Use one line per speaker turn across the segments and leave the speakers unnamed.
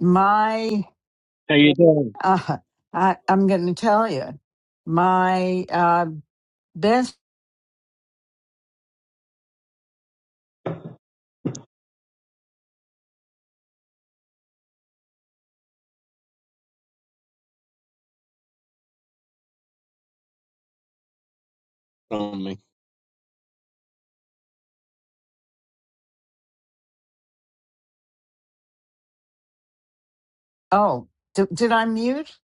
my
How you doing,
uh, I, I'm going to tell you my uh, best.
Tommy?
Oh, d- did I mute?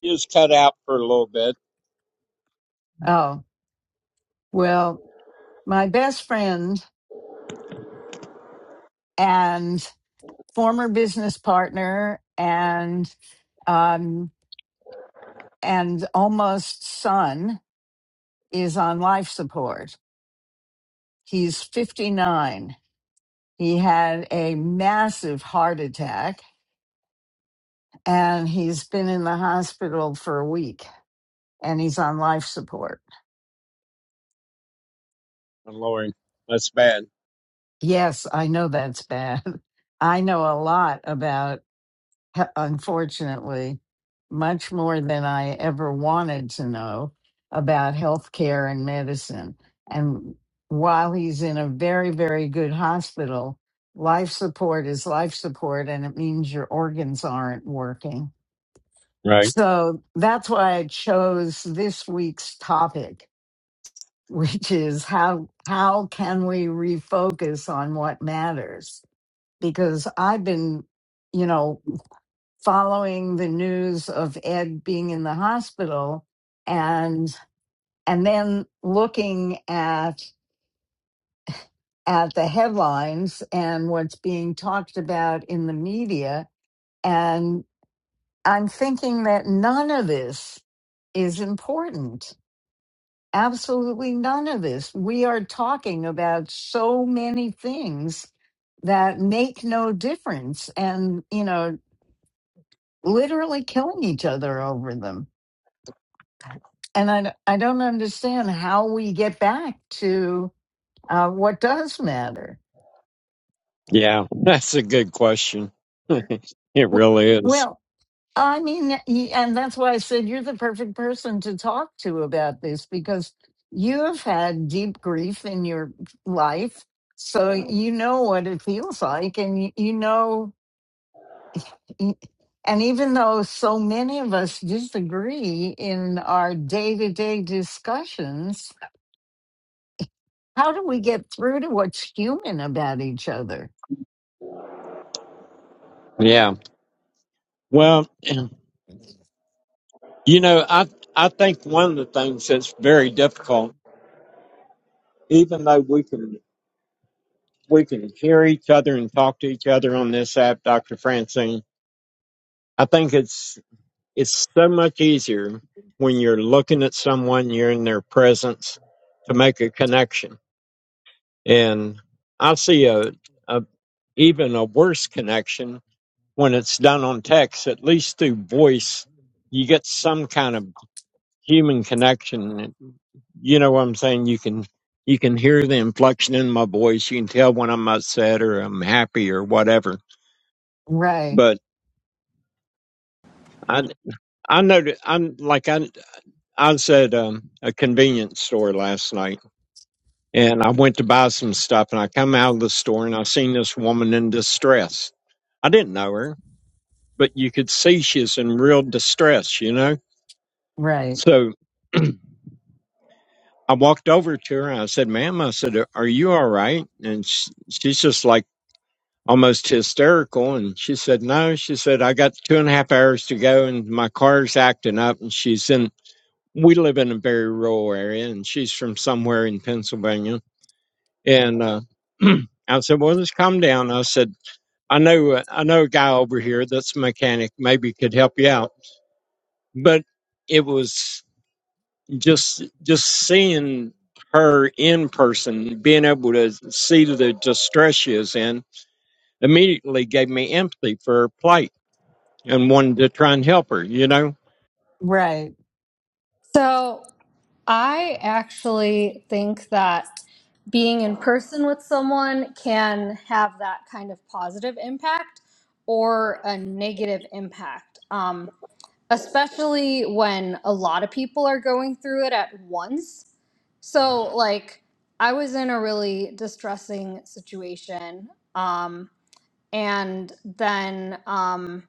You was cut out for a little bit,
Oh, well, my best friend and former business partner and um, and almost son is on life support. He's 59. He had a massive heart attack and he's been in the hospital for a week and he's on life support
and Lori. That's bad,
Yes, I know that's bad. I know a lot about, he- unfortunately, much more than I ever wanted to know about healthcare and medicine. And while he's in a very, very good hospital, life support is life support, and it means your organs aren't working.
right?
So that's why I chose this week's topic, which is how, how can we refocus on what matters? because I've been, you know, following the news of Ed being in the hospital and and then looking at at the headlines and what's being talked about in the media and I'm thinking that none of this is important. Absolutely none of this. We are talking about so many things that make no difference and you know literally killing each other over them. And I, I don't understand how we get back to uh, what does matter.
Yeah, that's a good question. it
W-
really is.
Well, I mean, y- and that's why I said you're the perfect person to talk to about this because you have had deep grief in your life. So you know what it feels like, and you, you know, y- and even though so many of us disagree in our day to day discussions, How do we get through to what's human about each other?
Yeah. Well, you know, I I think one of the things that's very difficult, even though we can we can hear each other and talk to each other on this app, Doctor Francine. I think it's it's so much easier when you're looking at someone, you're in their presence to make a connection And I see a, a even a worse connection when it's done on text, at least through voice, you get some kind of human connection. You know what I'm saying? You can you can hear the inflection in my voice. You can tell when I'm upset or I'm happy or whatever.
Right,
But I I know that I'm like I I was at um, a convenience store last night and I went to buy some stuff and I come out of the store and I seen this woman in distress. I didn't know her but you could see she's in real distress, you know?
right,
So I walked over to her and I said, ma'am, I said, are you all right? And sh she's just like almost hysterical. And she said, no, she said, I got two and a half hours to go and my car's acting up. And she's in, we live in a very rural area and she's from somewhere in Pennsylvania. And, uh, I said, well, just calm down. I said, I know, uh, I know a guy over here that's a mechanic, maybe could help you out. But it was just just seeing her in person, being able to see the distress she is in, immediately gave me empathy for her plight and wanted to try and help her. You know,
right.
So I actually think that being in person with someone can have that kind of positive impact or a negative impact. Um, especially when a lot of people are going through it at once. So, like, I was in a really distressing situation, um, and then, um,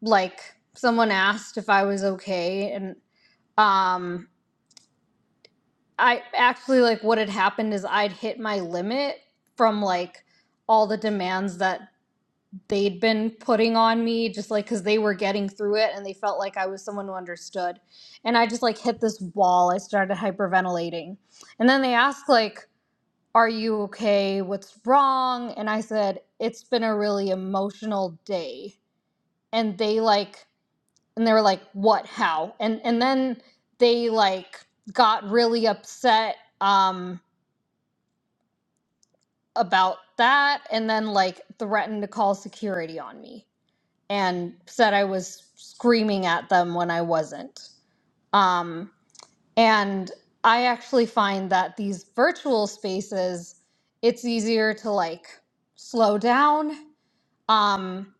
like, someone asked if I was okay, and um, I actually like what had happened is I'd hit my limit from like all the demands that they'd been putting on me just like cuz they were getting through it and they felt like I was someone who understood. And I just like hit this wall. I started hyperventilating. And then they asked like are you okay? What's wrong? And I said it's been a really emotional day. And they like and they were like what how? And and then they like got really upset um about that and then like threatened to call security on me and said I was screaming at them when I wasn't. Um, and I actually find that these virtual spaces, it's easier to like slow down. Um,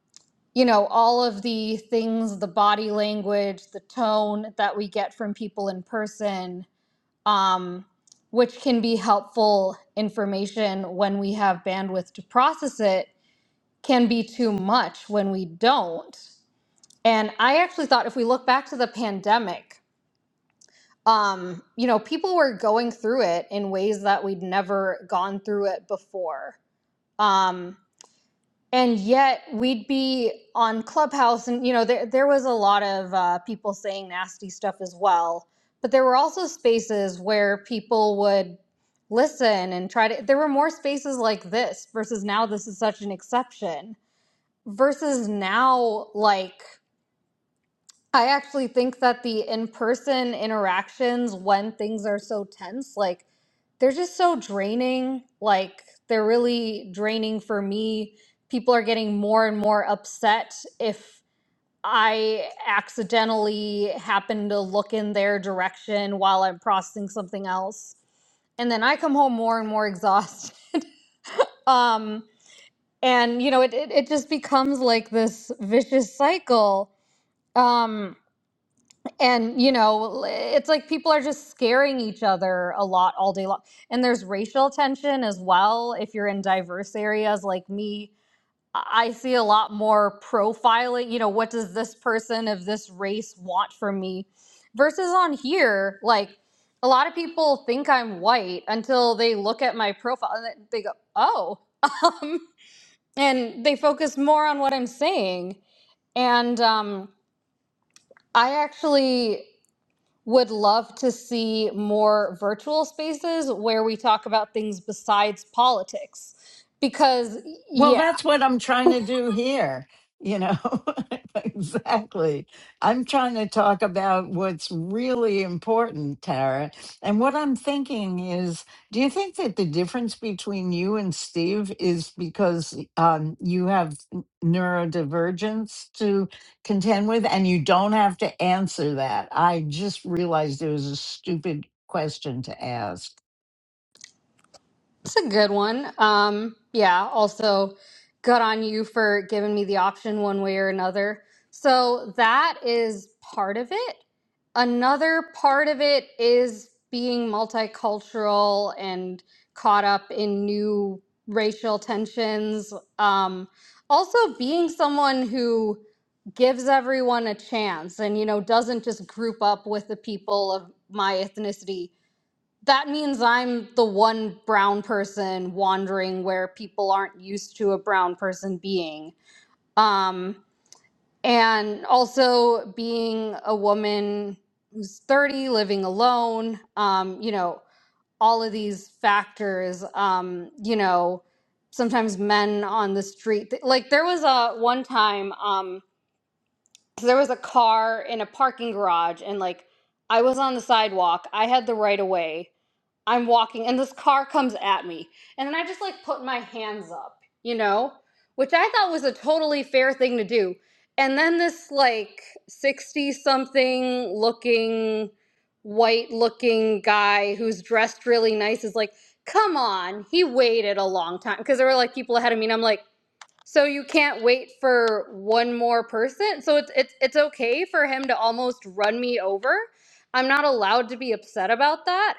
you know, all of the things, the body language, the tone that we get from people in person, um, which can be helpful information when we have bandwidth to process it can be too much when we don't. And I actually thought if we look back to the pandemic, um, you know, people were going through it in ways that we'd never gone through it before. Um, and yet we'd be on Clubhouse, and, you know, there, there was a lot of uh, people saying nasty stuff as well. But there were also spaces where people would listen and try to, there were more spaces like this versus now this is such an exception versus now like i actually think that the in-person interactions when things are so tense like they're just so draining like they're really draining for me people are getting more and more upset if i accidentally happen to look in their direction while i'm processing something else and then i come home more and more exhausted um and you know it, it, it just becomes like this vicious cycle Um, and you know, it's like people are just scaring each other a lot all day long. And there's racial tension as well. If you're in diverse areas like me, I I see a lot more profiling, you know, what does this person of this race want from me? Versus on here, like a lot of people think I'm white until they look at my profile and they go, oh, um, and they focus more on what I'm saying. And um, I actually would love to see more virtual spaces where we talk about things besides politics because
Well,
yeah
that's what I'm trying to do here. You know, exactly. I'm trying to talk about what's really important, Tara. And what I'm thinking is do you think that the difference between you and Steve is because um, you have n- neurodivergence to contend with and you don't have to answer that? I just realized it was a stupid question to ask.
It's a good one. Um, yeah, also good on you for giving me the option one way or another. So that is part of it. Another part of it is being multicultural and caught up in new racial tensions. Um, also being someone who gives everyone a chance and you know doesn't just group up with the people of my ethnicity that means I'm the one brown person wandering where people aren't used to a brown person being. Um, and also being a woman who's 30, living alone, um, you know, all of these factors, um, you know, sometimes men on the street. Like there was a one time, um, there was a car in a parking garage and like I was on the sidewalk. I had the right of way I'm walking and this car comes at me. And then I just like put my hands up, you know, which I thought was a totally fair thing to do. And then this like 60 something looking, white looking guy who's dressed really nice is like, come on, he waited a long time. Cause there were like people ahead of me and I'm like, so you can't wait for one more person? So it's it's it's okay for him to almost run me over. I'm not allowed to be upset about that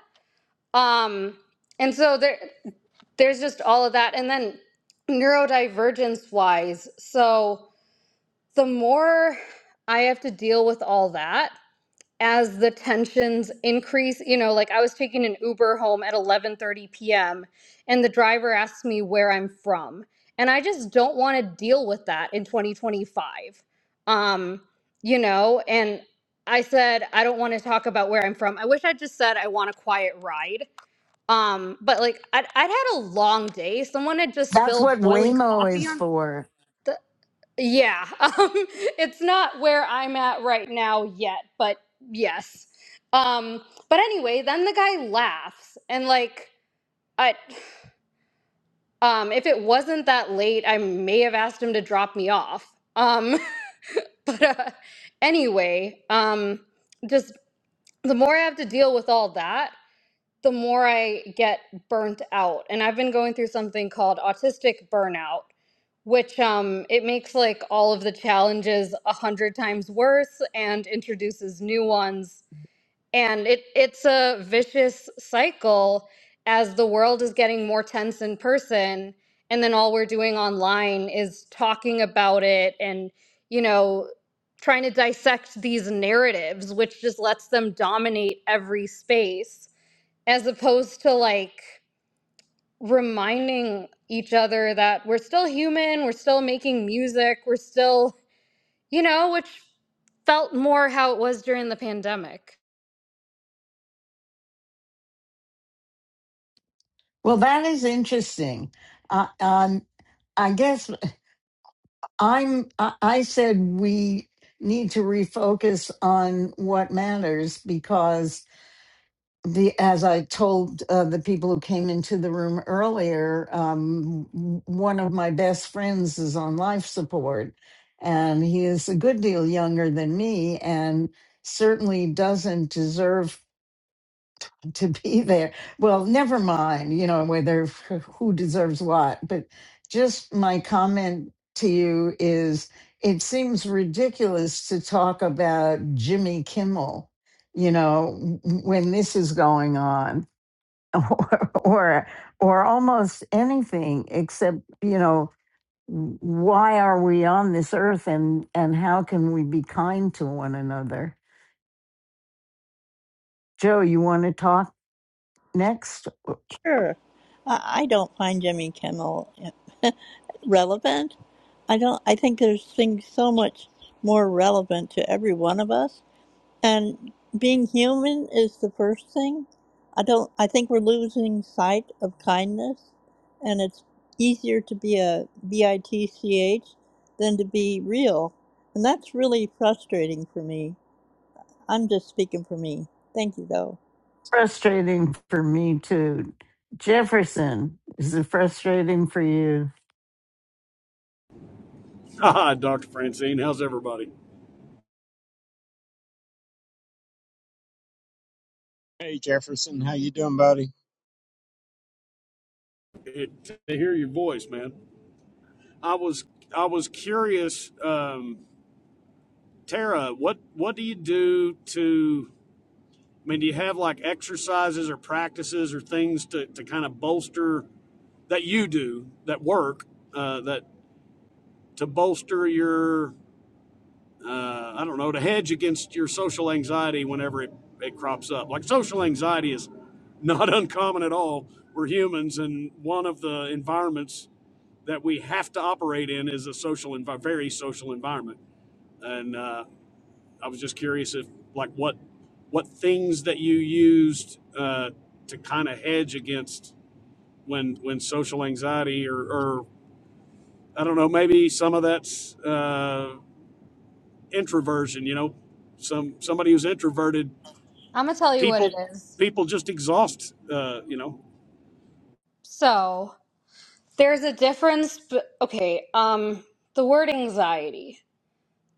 um, and so there, there's just all of that. And then neurodivergence wise, so the more I have to deal with all that as the tensions increase, you know, like I was taking an Uber home at 11:30 p.m. and the driver asks me where I'm from, and I just don't want to deal with that in 2025. Um, you know, and I said I don't want to talk about where I'm from. I wish I just said I want a quiet ride um, but like I'd, I'd had a long day. Someone had just
That's
spilled
what
boiling
Waymo
coffee
is
on
for.
the yeah. Um, it's not where I'm at right now yet, but yes. Um, but anyway, then the guy laughs and like I um if it wasn't that late, I may have asked him to drop me off. Um, but uh, anyway, um just the more I have to deal with all that, the more I get burnt out. And I've been going through something called autistic burnout, which um, it makes like all of the challenges a hundred times worse and introduces new ones. And it it's a vicious cycle as the world is getting more tense in person, and then all we're doing online is talking about it and you know trying to dissect these narratives, which just lets them dominate every space as opposed to like reminding each other that we're still human, we're still making music, we're still, you know, which felt more how it was during the pandemic.
Well, that is interesting. Uh, um, I guess I'm. I I said we need to refocus on what matters because the as I told uh, the people who came into the room earlier, um, w- one of my best friends is on life support, and he is a good deal younger than me, and certainly doesn't deserve to be there. Well, never mind, you know, whether who deserves what, but just my comment to you is it seems ridiculous to talk about Jimmy Kimmel, you know, when this is going on or or, or almost anything except, you know, why are we on this earth and and how can we be kind to one another? Joe, you want to talk next?
Sure. I I don't find Jimmy Kimmel relevant. I don't. I think there's things so much more relevant to every one of us, and being human is the first thing. I don't. I think we're losing sight of kindness, and it's easier to be a bitch than to be real, and that's really frustrating for me. I'm just speaking for me. Thank you, though.
frustrating for me too. Jefferson, is it frustrating for you?
Hi, Dr. Francine. How's everybody?
Hey,
It, to hear your voice, man. I was I was curious, um, Tara. What what do you do to? I mean, do you have like exercises or practices or things to, to kind of bolster that you do that work uh, that to bolster your uh, I don't know to hedge against your social anxiety whenever it, it crops up. Like social anxiety is not uncommon at all. We're humans, and one of the environments that we have to operate in is a social and very social environment. And uh, I was just curious if like what what things that you used uh, to kind of hedge against when when social anxiety or, or I don't know maybe some of that's uh, introversion. You know, some somebody who's introverted
I'm gonna tell you what
people
it is.
people just exhaust. Uh, you know,
So there's a difference. b okay, um, the word anxiety.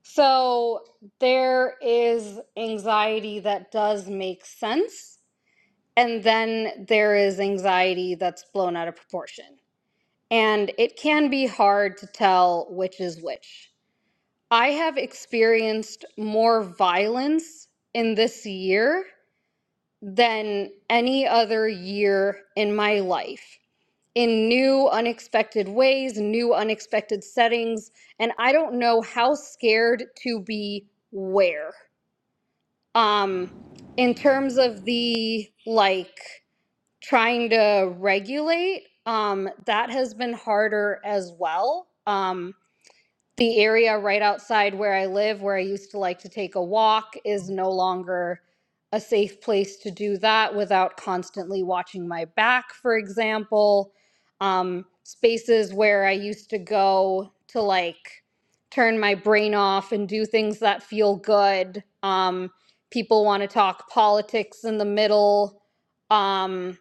So there is anxiety that does make sense, and then there is anxiety that's blown out of proportion. and it can be hard to tell which is which. I have experienced more violence in this year than any other year in my life in new, unexpected ways, new, unexpected settings, and I don't know how scared to be where. Um, in terms of the like trying to regulate, um, that has been harder as well. Um, the area right outside where I live, where I used to like to take a walk, is no longer a safe place to do that without constantly watching my back, for example. Um, spaces where I used to go to like turn my brain off and do things that feel good. Um, people want to talk politics in the middle. um,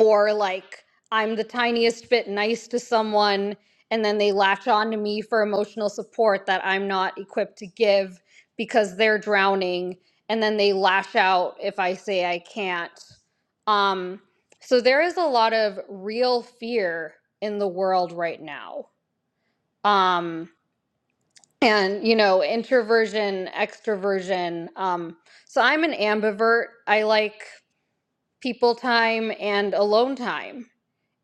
or like I'm the tiniest bit nice to someone and then they latch on to me for emotional support that I'm not equipped to give because they're drowning and then they lash out if I say I can't. Um so there is a lot of real fear in the world right now. Um and you know introversion extroversion um so i'm an ambivert i like people time and alone time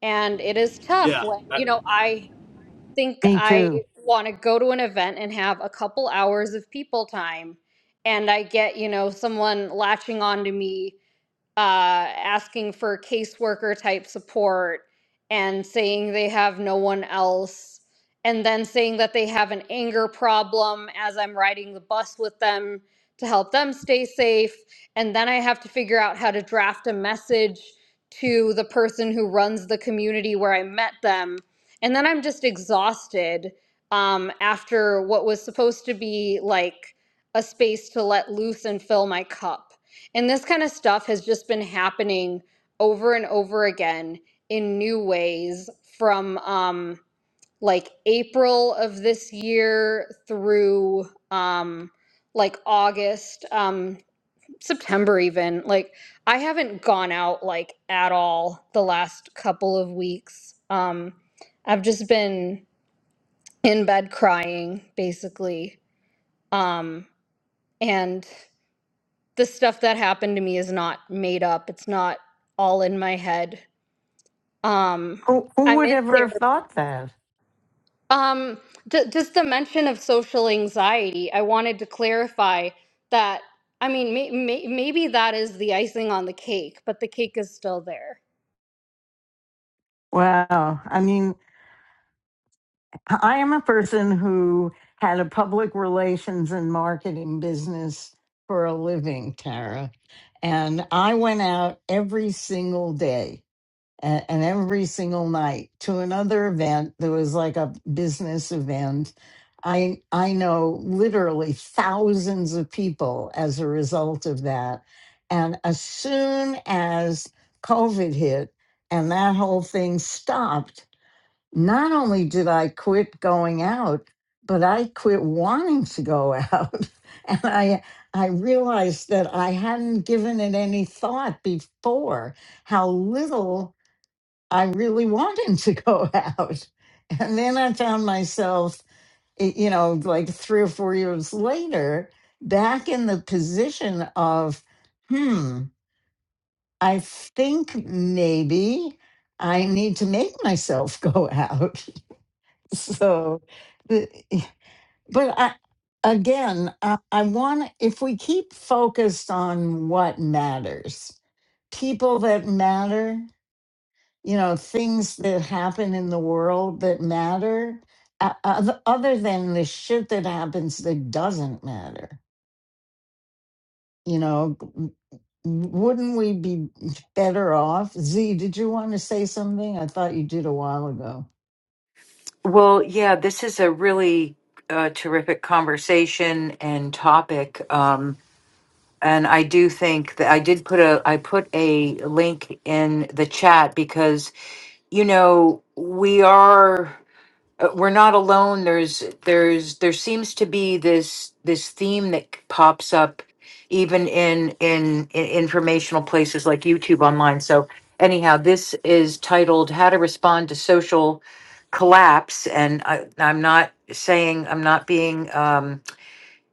and it is tough
yeah.
when,
I,
you know, I think
Me
I
too.
want to go to an event and have a couple hours of people time. And I get, you know, someone latching on to me uh, asking for caseworker type support and saying they have no one else, and then saying that they have an anger problem as I'm riding the bus with them to help them stay safe. And then I have to figure out how to draft a message to the person who runs the community where I met them. And then I'm just exhausted um, after what was supposed to be like a space to let loose and fill my cup. And this kind of stuff has just been happening over and over again in new ways from um, like April of this year through um, like August, um, September, even. Like, I haven't gone out like at all the last couple of weeks. Um, I've just been in bed crying, basically. Um, and the stuff that happened to me is not made up. It's not all in my head. Um,
Who who
I'm
would
in
ever have
therapy.
thought that?
Um, d- just the mention of social anxiety, I wanted to clarify that. I mean, may- may- maybe that is the icing on the cake, but the cake is still there.
Wow. I mean, I am a person who had a public relations and marketing business for a living, Tara. And I went out every single day. and, and every single night to another event there was like a business event i i know literally thousands of people as a result of that and as soon as covid hit and that whole thing stopped not only did i quit going out but i quit wanting to go out and i i realized that i hadn't given it any thought before how little I really wanted to go out. And then I found myself, y- you know, like three or four years later, back in the position of, hmm, I think maybe I need to make myself go out. So, the- but I, again, I, I want, if we keep focused on what matters, people that matter, you know things that happen in the world that matter o- oth- other than the shit that happens that doesn't matter you know w- wouldn't we be better off z did you want to say something i thought you did a while ago
Well, yeah, this is a really uh, terrific conversation and topic. Um, and I do think that I did put a I put a link in the chat because you know we are uh, we're not alone there's there's there seems to be this this theme that c- pops up even in in, in informational places like youtube online so anyhow this is titled how to respond to social collapse and I, i'm not saying i'm not being Um,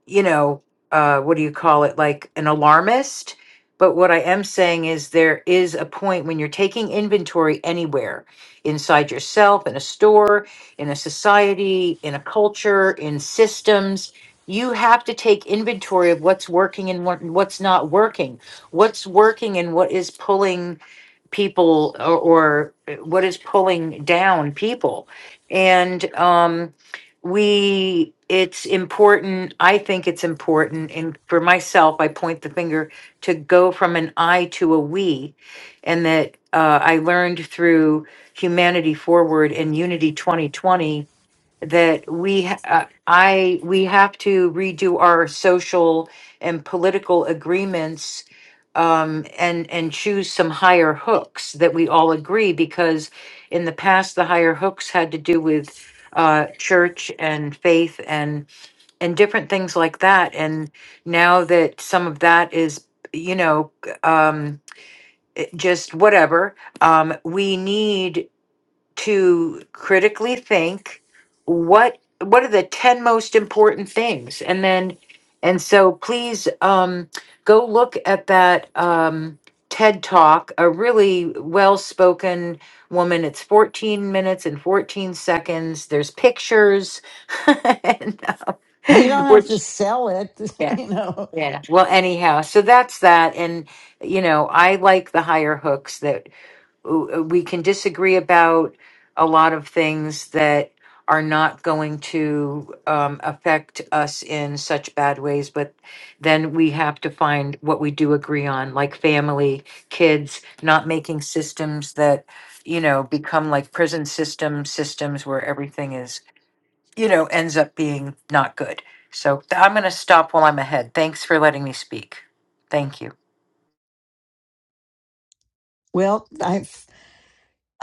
you know, uh, what do you call it, like an alarmist. But what I am saying is there is a point when you're taking inventory anywhere inside yourself, in a store, in a society, in a culture, in systems. You have to take inventory of what's working and what, what's not working, what's working and what is pulling people or, or what is pulling down people. And um, we, it's important, I think it's important, and for myself, I point the finger to go from an I to a we. And that uh, I learned through Humanity Forward and Unity 2020 that we ha- uh, I we have to redo our social and political agreements um, and and choose some higher hooks that we all agree because in the past the higher hooks had to do with uh, church and faith and and different things like that and now that some of that is you know um, just whatever um, we need to critically think what what are the 10 most important things and then and so please um go look at that um ted talk a really well spoken woman it's 14 minutes and 14 seconds there's pictures and,
you
um,
don't have to sell it you know
well anyhow so that's that and you know i like the higher hooks that. uh, we can disagree about a lot of things that are not going to um, affect us in such bad ways, but then we have to find what we do agree on, like family, kids, not making systems that, you know, become like prison system systems where everything is, you know, ends up being not good. So th- I'm going to stop while I'm ahead. Thanks for letting me speak. Thank you.
well i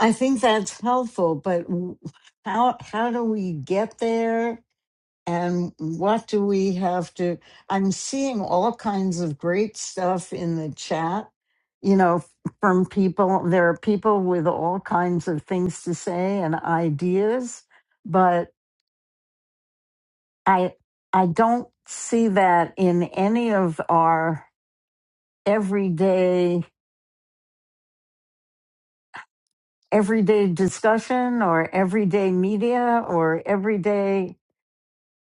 i think that's helpful but w- how how do we get there and what do we have to i'm seeing all kinds of great stuff in the chat you know from people there are people with all kinds of things to say and ideas but i i don't see that in any of our everyday everyday discussion or everyday media or everyday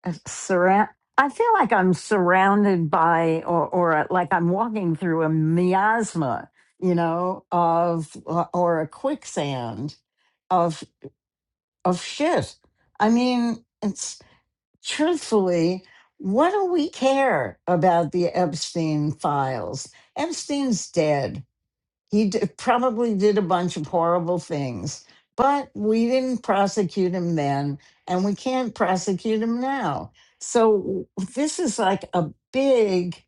uh, surround I feel like I'm surrounded by or or like I'm walking through a miasma, you know, of uh, or a quicksand of of shit. I mean, it's truthfully, what do we care about the Epstein files? Epstein's dead he d- probably did a bunch of horrible things, but we didn't prosecute him then, and we can't prosecute him now. So this is like a big.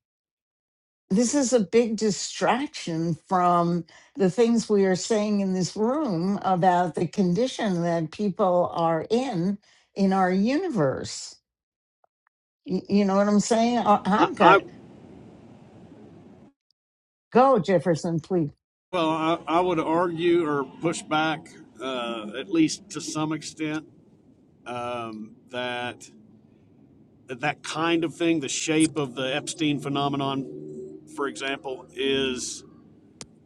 This is a big distraction from the things we are saying in this room about the condition that people are in in our universe. Y- You know what I'm saying? I-
I,
I've got
I
go Jefferson, please.
well I, I would argue or push back uh, at least to some extent um, that that kind of thing, the shape of the Epstein phenomenon, for example, is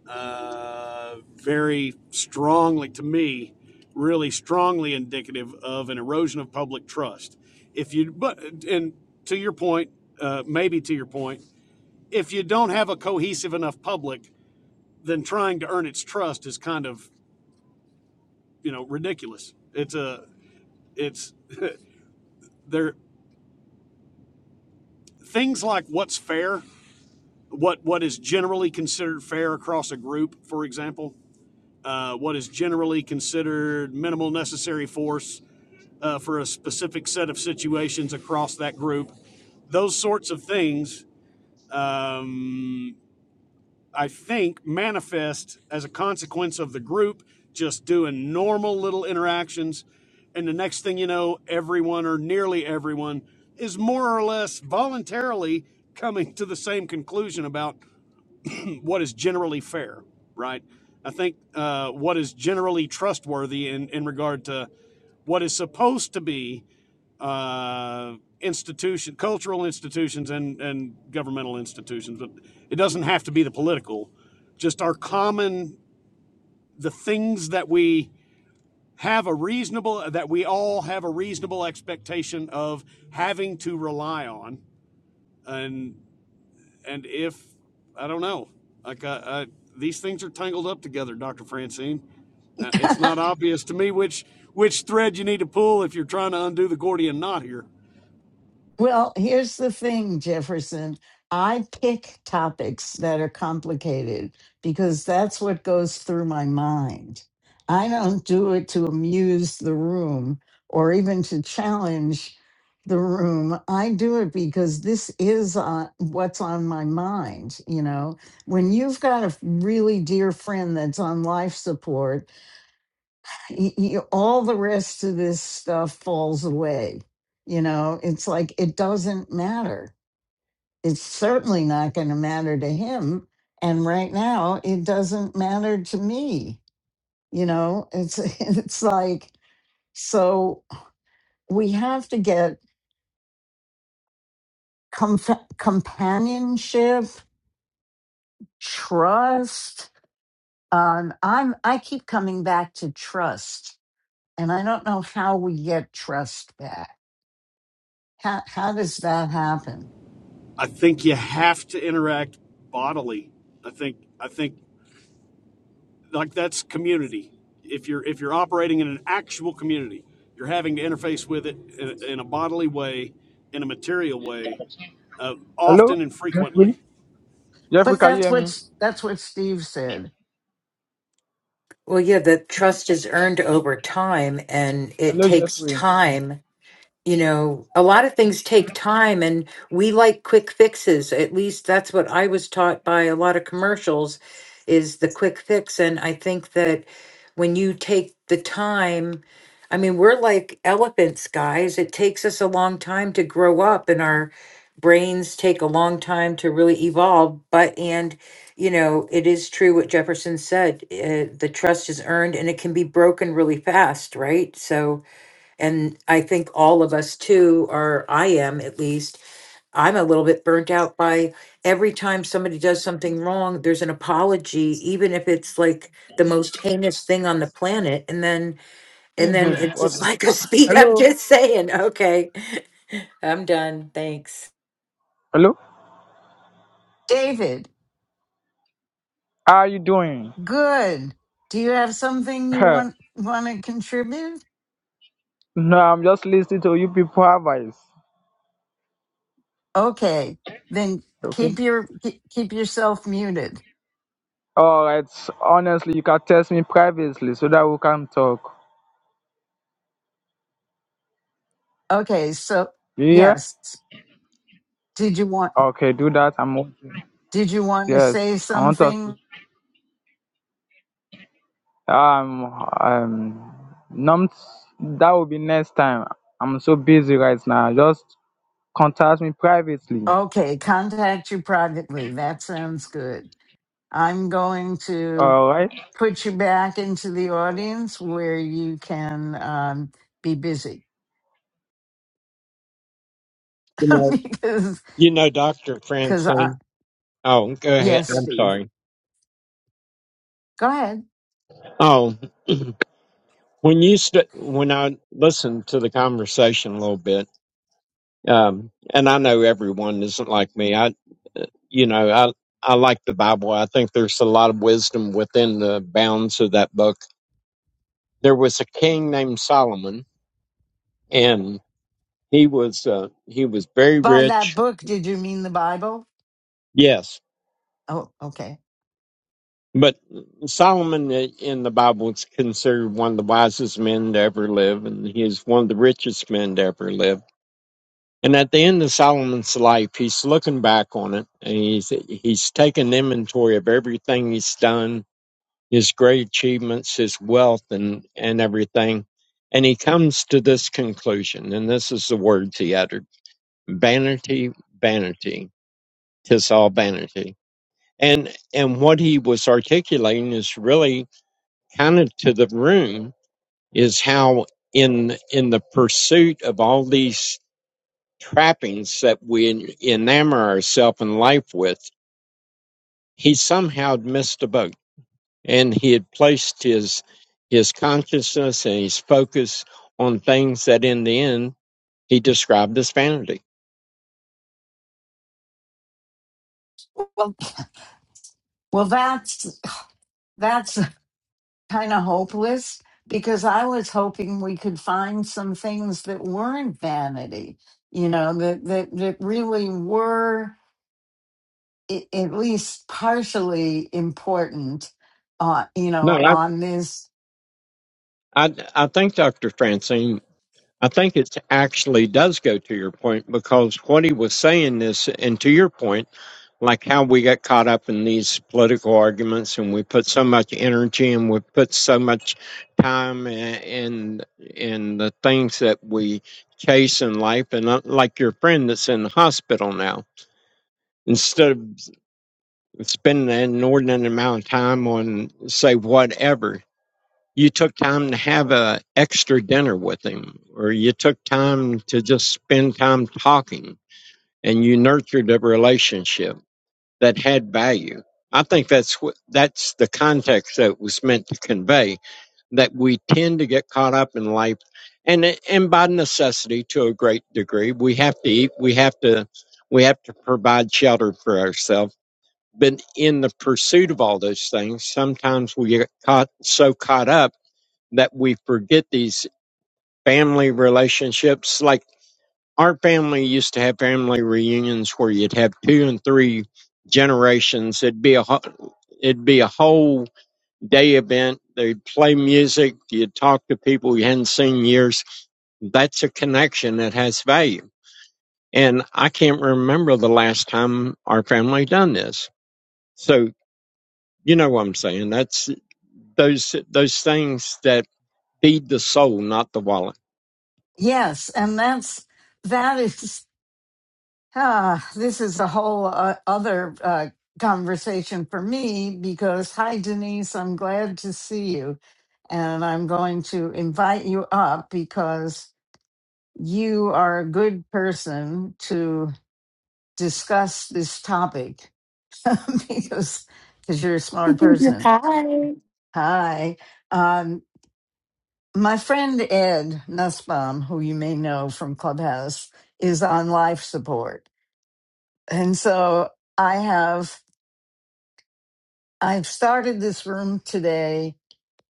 uh, very strongly, to me, really strongly indicative of an erosion of public trust. If you, but, and to your point, uh, maybe to your point, if you don't have a cohesive enough public, then trying to earn its trust is kind of, you know, ridiculous. It's a, it's there, things like what's fair what what is generally considered fair across a group, for example, uh, what is generally considered minimal necessary force uh, for a specific set of situations across that group, those sorts of things, um, I think, manifest as a consequence of the group just doing normal little interactions, and the next thing you know, everyone or nearly everyone is more or less voluntarily coming to the same conclusion about what is generally fair, right? I think uh, what is generally trustworthy in, in regard to what is supposed to be uh, institution, cultural institutions, and and governmental institutions, but it doesn't have to be the political. Just our common the things that we have a reasonable that we all have a reasonable expectation of having to rely on, and and if I don't know, like I, I, these things are tangled up together, Doctor Francine. Uh, It's not obvious to me which which thread you need to pull if you're trying to undo the Gordian knot here.
Well, here's the thing, Jefferson. I pick topics that are complicated because that's what goes through my mind. I don't do it to amuse the room or even to challenge the room. I do it because this is on, what's on my mind. You know, when you've got a really dear friend that's on life support y- y- all the rest of this stuff falls away. You know, it's like it doesn't matter. It's certainly not going to matter to him. And right now, it doesn't matter to me. You know, it's it's like so we have to get comf- companionship, trust. Um, I'm I keep coming back to trust, and I don't know how we get trust back. How how does that happen?
I think you have to interact bodily. I think I think like that's community. If you're if you're operating in an actual community, you're having to interface with it in, in a bodily way, in a material way, uh,
Hello,
often and
Jeffrey.
frequently.
Jeffrey,
But
can you
that's
hear me?
what that's what Steve said.
Well, yeah, the trust is earned over time and it
Hello,
takes
Jeffrey.
time you know, a lot of things take time and we like quick fixes. At least that's what I was taught by a lot of commercials is the quick fix. And I think that when you take the time, I mean, we're like elephants, guys. It takes us a long time to grow up and our brains take a long time to really evolve. But, and, you know, it is true what Jefferson said uh, the trust is earned and it can be broken really fast, right? So, and I think all of us too, or I am at least, I'm a little bit burnt out by every time somebody does something wrong, there's an apology, even if it's like the most heinous thing on the planet. And then, and
Hey,
then
babe.
it's
What's
just
up?
like a speed. I'm
Hello.
just saying, okay, I'm done. Thanks.
Hello.
David,
How are you doing?
good. Do you have something you
Huh?
want want to contribute?
no, I'm just listening to you people advice.
Okay, then
Okay.
keep your ke- keep yourself muted.
All right. Honestly, you can text me privately so that we can talk.
Okay, so
You hear?
yes, did you want
Okay, do that. I'm okay.
did you want to say
Yes, I want us to.
something?
Um, um, not that will be next time. I'm so busy right now. Just contact me privately.
Okay, contact you privately. That sounds good. I'm going to
All right.
put you back into the audience where you can um, be busy
you know,
because
you know, Doctor
because
Francine. Oh, go ahead.
Yes,
I'm
Steve.
sorry.
Go ahead.
Oh, when you st- when I listened to the conversation a little bit, um, and I know everyone isn't like me. I, you know, I I like the Bible. I think there's a lot of wisdom within the bounds of that book there was a king named Solomon, and he was uh, he was very
By that
rich.
book, did you mean the Bible?
Yes,
Oh, okay.
but Solomon i- in the Bible is considered one of the wisest men to ever live, and he is one of the richest men to ever live. And at the end of Solomon's life, he's looking back on it, and he's he's taking inventory of everything he's done, his great achievements, his wealth, and and everything. And he comes to this conclusion, and this is the words he uttered. vanity, vanity, 'tis all vanity. And and what he was articulating is really kind of to the room is how in in the pursuit of all these trappings that we enamor ourselves in life with, he somehow had missed a boat, and he had placed his his consciousness and his focus on things that in the end he described as vanity.
Well, well, that's that's kind of hopeless because I was hoping we could find some things that weren't vanity, you know, that that that really were i- at least partially important, uh, you
No,
know,
I
on this.
I, I think Dr. Francine I think it actually does go to your point because what he was saying is, and to your point, like how we get caught up in these political arguments and we put so much energy and we put so much time i- in in the things that we chase in life and uh, like your friend that's in the hospital now instead of s- spending an inordinate amount of time on say whatever you took time to have a extra dinner with him or you took time to just spend time talking and you nurtured a relationship that had value i think that's what that's the context that was meant to convey that we tend to get caught up in life and and by necessity to a great degree we have to eat we have to we have to provide shelter for ourselves but in the pursuit of all those things sometimes we get caught so caught up that we forget these family relationships. Like our family used to have family reunions where you'd have two and three generations. It'd be a ho- it'd be a whole day event. They'd play music. You'd talk to people you hadn't seen in years. That's a connection that has value. And I can't remember the last time our family done this. So you know what I'm saying. That's those those things that feed the soul, not the wallet.
Yes, and that's that is. Ah, this is a whole uh, other uh, conversation for me because, hi, Denise, I'm glad to see you. And I'm going to invite you up because you are a good person to discuss this topic because because you're a smart person.
Hi.
Hi. Um, my friend Ed Nussbaum, who you may know from Clubhouse, is on life support. And so I have I've started this room today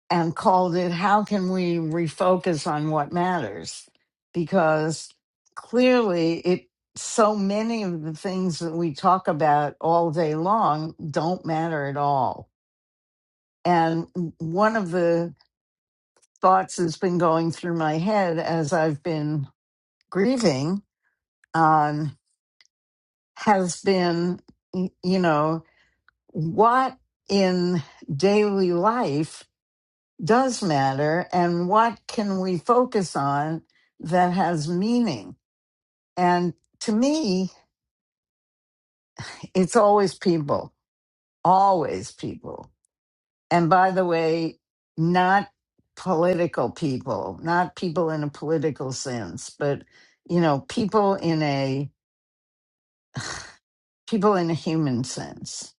and called it How Can We Refocus on What Matters? Because clearly, it so many of the things that we talk about all day long don't matter at all. And one of the thoughts that's been going through my head as I've been grieving on has been, y- you know, what in daily life does matter and what can we focus on that has meaning and to me it's always people always people and by the way not political people not people in a political sense but you know people in a people in a human sense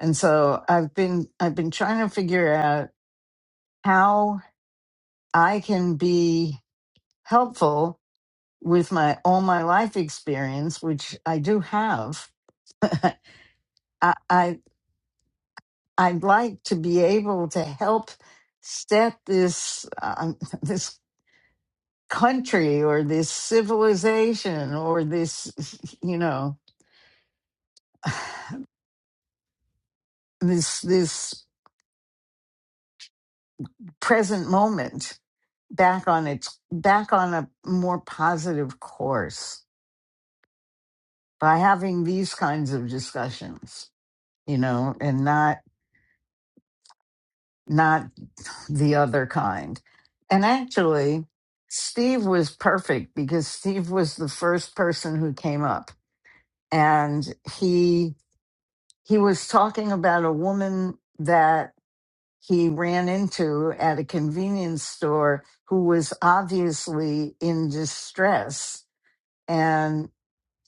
and so i've been i've been trying to figure out how i can be helpful with my all my life experience, which I do have, I, I I'd like to be able to help set this um, this country or this civilization or this you know this this present moment back on its back on a more positive course by having these kinds of discussions you know and not not the other kind. And actually, Steve was perfect because Steve was the first person who came up and he he was talking about a woman that he ran into at a convenience store who was obviously in distress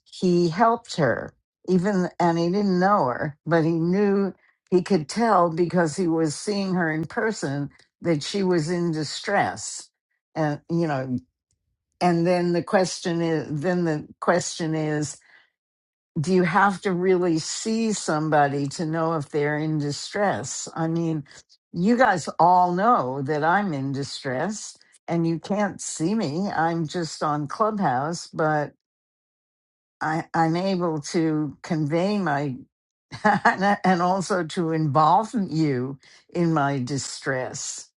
he helped her even and he didn't know her but he knew he could tell because he was seeing her in person that she was in distress and you know and then the question is then the question is do you have to really see somebody to know if they're in distress i mean you guys all know that i'm in distress and you can't see me i'm just on clubhouse but I, I'm able to convey my and also to involve you in my distress.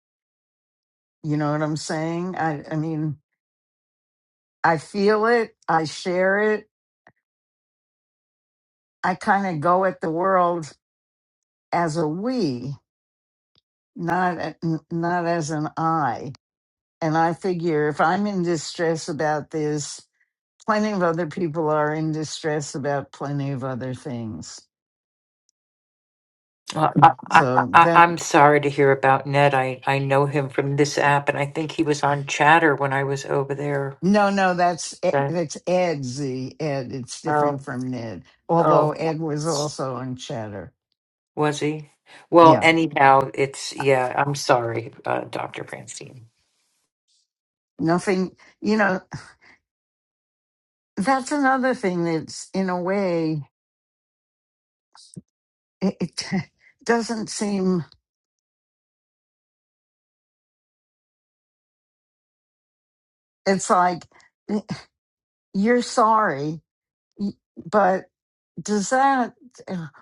You know what I'm saying? I, I mean, I feel it, I share it, I kind of go at the world as a we, not a- n- not as an I. And I figure if I'm in distress about this, plenty of other people are in distress about plenty of other things.
Well, I, I, I,
So
I- I'm sorry to hear about Ned. I, I know him from this app, and I think he was on Chatter when I was over there.
No, no, that's E-
But,
that's Ed Z. Ed. It's different
oh,
from Ned. Although
oh.
Ed was also on Chatter.
Was he? Well,
Yeah.
anyhow, it's yeah. I'm sorry, uh, Doctor Branstein.
Nothing. You know, that's another thing that's in a way it, it doesn't seem. It's like eh, you're sorry, y- but does that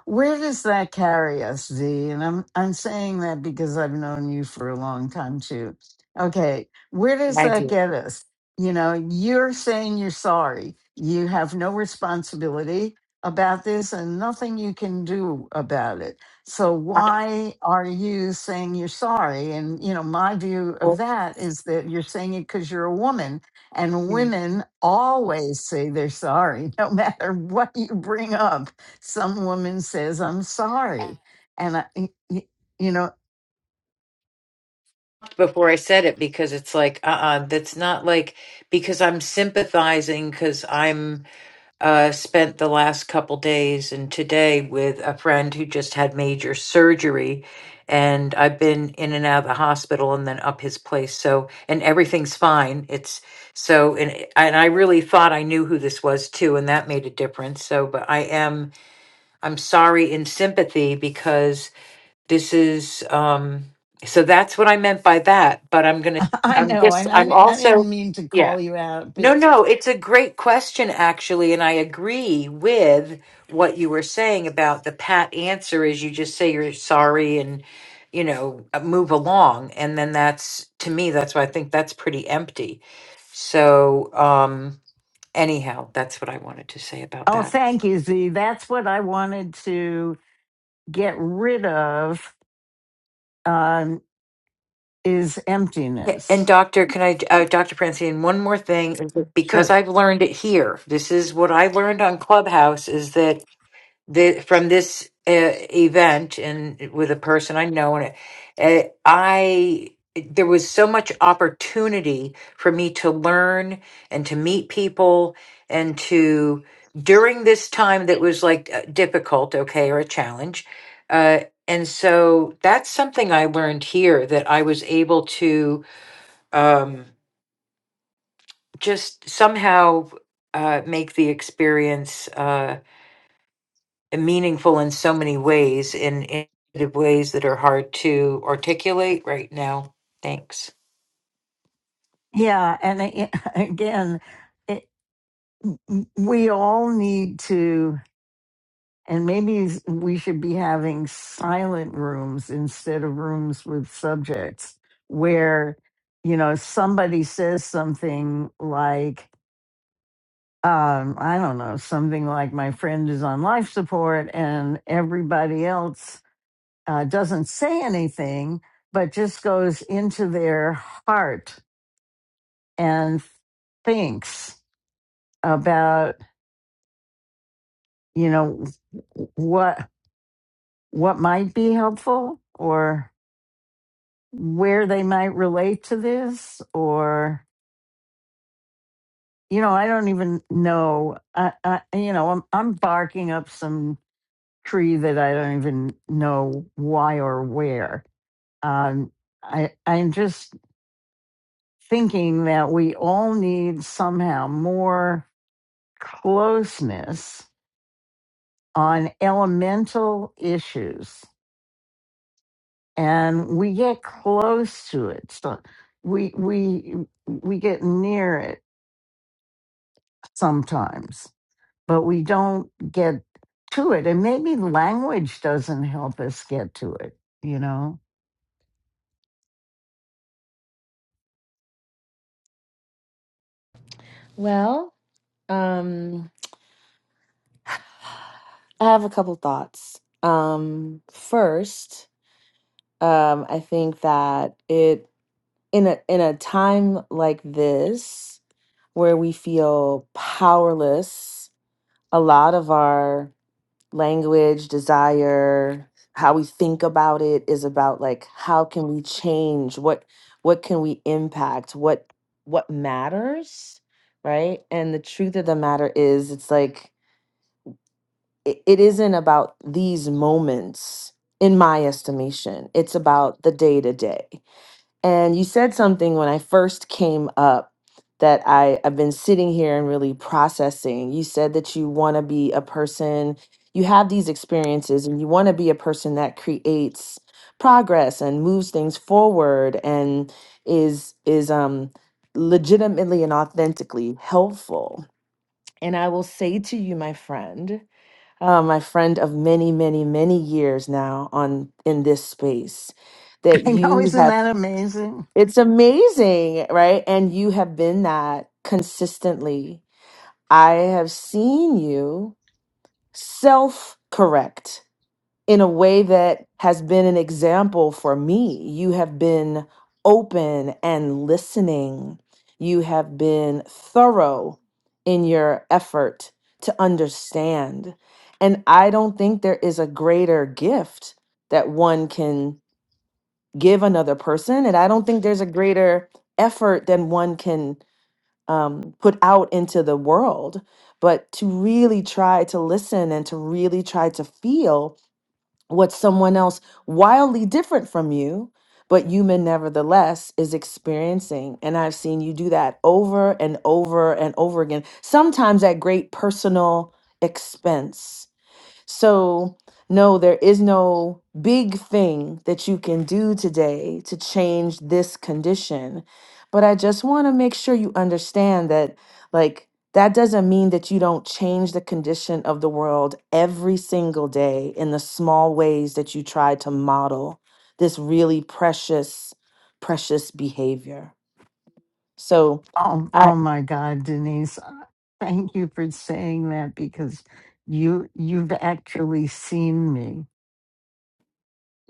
where does that carry us z and i'm i'm saying that because i've known you for a long time too okay where does
Thank
that
you.
get us you know you're saying you're sorry you have no responsibility about this and nothing you can do about it so
I
why are you saying you're sorry and you know my view of that is that you're saying it because you're a woman and women always say they're sorry, no matter what you bring up. Some woman says, I'm sorry. And I, y- y- you know,
Before I said it, because it's like, uh, uh that's not like because I'm sympathizing because I'm uh, spent the last couple days and today with a friend who just had major surgery. And I've been in and out of the hospital and then up his place. So, and everything's fine. It's so, and, and I really thought I knew who this was too, and that made a difference. So, but I am, I'm sorry in sympathy because this is, um, so that's what I meant by that. But I'm going to,
I
I'm
know,
just,
and I,
I'm
di- I didn't
also,
mean to
yeah.
call you out, but
No, no, it's a great question, actually. And I agree with what you were saying about the pat answer is you just say you're sorry and, you know, uh, move along. And then that's, to me, that's why I think that's pretty empty. So, um, anyhow, that's what I wanted to say about
oh,
that.
thank you, Z. That's what I wanted to get rid of um, is
Yeah, And
emptiness.
Doctor, can I, uh, Doctor Francine, one more thing is that because
Sure.
I've learned it here. This is what I learned on Clubhouse is that the, from this uh, event and with a person I know, and uh, I there was so much opportunity for me to learn and to meet people and to during this time that was like uh, difficult, okay, or a challenge. Uh, and so that's something I learned here that I was able to um, just somehow uh, make the experience. Uh, and meaningful in so many ways, in innovative ways that are hard to articulate right now. Thanks.
Yeah. And a- again, it, we all need to. And maybe s- we should be having silent rooms instead of rooms with subjects where, you know, somebody says something like, um, I don't know, something like my friend is on life support and everybody else uh, doesn't say anything, but just goes into their heart and thinks about, you know, w- what what might be helpful or where they might relate to this or you know i don't even know i, I you know I'm, I'm barking up some tree that i don't even know why or where um, I, i'm just thinking that we all need somehow more closeness on elemental issues and we get close to it so we we we get near it sometimes but we don't get to it. And maybe language doesn't help us get to it, you know?
Well, um, I have a couple thoughts. Um, first, um, I think that it in a in a time like this where we feel powerless, a lot of our language, desire, how we think about it is about like how can we change what what can we impact what what matters right and the truth of the matter is it's like it, it isn't about these moments in my estimation it's about the day to day and you said something when i first came up that I, i've been sitting here and really processing you said that you want to be a person you have these experiences and you want to be a person that creates progress and moves things forward and is is um legitimately and authentically helpful and i will say to you my friend uh, my friend of many, many, many years now on in this space, that
I know,
you
isn't
have.
that amazing?
It's amazing, right? And you have been that consistently. I have seen you self correct in a way that has been an example for me. You have been open and listening. You have been thorough in your effort to understand. And I don't think there is a greater gift that one can give another person. And I don't think there's a greater effort than one can um, put out into the world. But to really try to listen and to really try to feel what someone else wildly different from you, but human nevertheless is experiencing. And I've seen you do that over and over and over again, sometimes at great personal expense so, no, there is no big thing that you can do today to change this condition. But I just want to make sure you understand that, like, that doesn't mean that you don't change the condition of the world every single day in the small ways that you try to model this really precious, precious behavior. So,
Oh,
I
oh my God, Denise, uh, thank you for saying that because you you've actually seen me.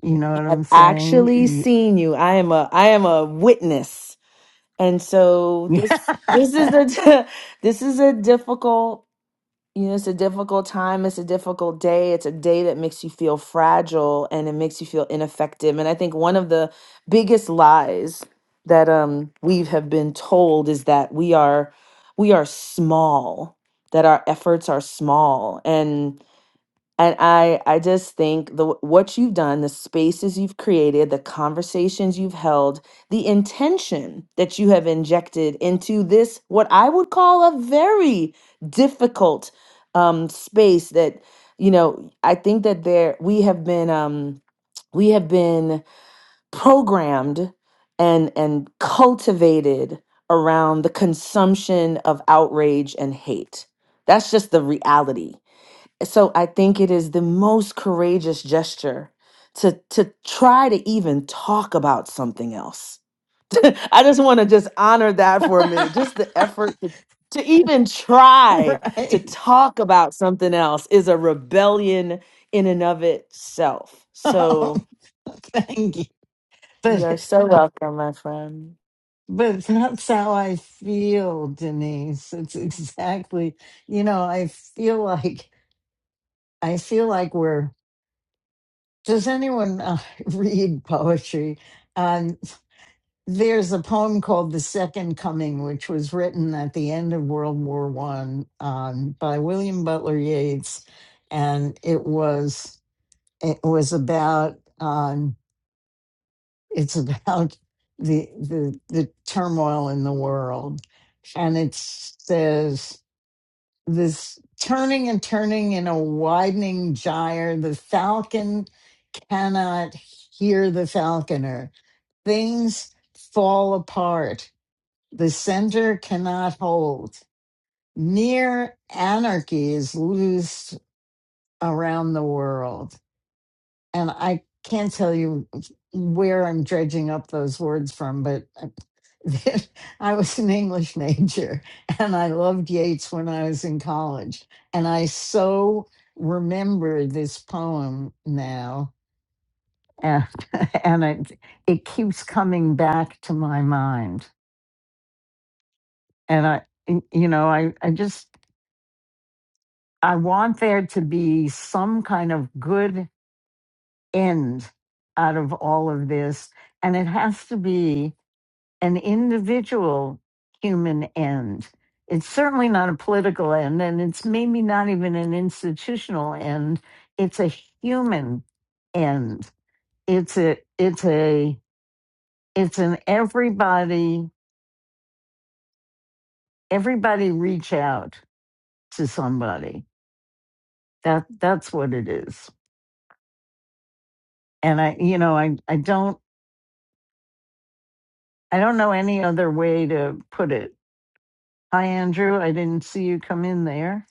You know what
have
I'm
actually
saying?
seen you. I am a I am a witness And so
You,
this this
yeah,
is a this is a difficult you know it's a difficult time it's a difficult day it's a day that makes you feel fragile and it makes you feel ineffective and I think one of the biggest lies that um we have been told is that we are we are small that our efforts are small and I, I just think the what you've done, the spaces you've created, the conversations you've held, the intention that you have injected into this, what I would call a very difficult um, space. That you know, I think that there we have been um, we have been programmed and and cultivated around the consumption of outrage and hate. That's just the reality so i think it is the most courageous gesture to to try to even talk about something else i just want to just honor that for a minute just the effort to, to even try to
right.
talk about something else is a rebellion in and of itself
Oh,
so
thank you.
you're
But
so welcome my friend
but that's how I feel, Denise. It's exactly you know, I feel like I feel like we're. Does anyone uh, read poetry? Um, there's a poem called "The Second Coming," which was written at the end of World War One um, by William Butler Yeats, and it was it was about um, it's about the the the turmoil in the world, and it says this turning and turning in a widening gyre, the falcon cannot hear the falconer. Things fall apart. The center cannot hold. Near anarchy is loose around the world. And I can't tell you where I'm dredging up those words from, but I was an English major and I loved Yeats when I was in college. And I so remember this poem now and and it it keeps coming back to my mind and i y- you know i i just i want there to be some kind of good end out of all of this and it has to be an individual human end it's certainly not a political end and it's maybe not even an institutional end it's a human end it's a it's a it's an everybody everybody reach out to somebody that that's what it is and i you know i i don't i don't know any other way to put it hi andrew i didn't see you come in there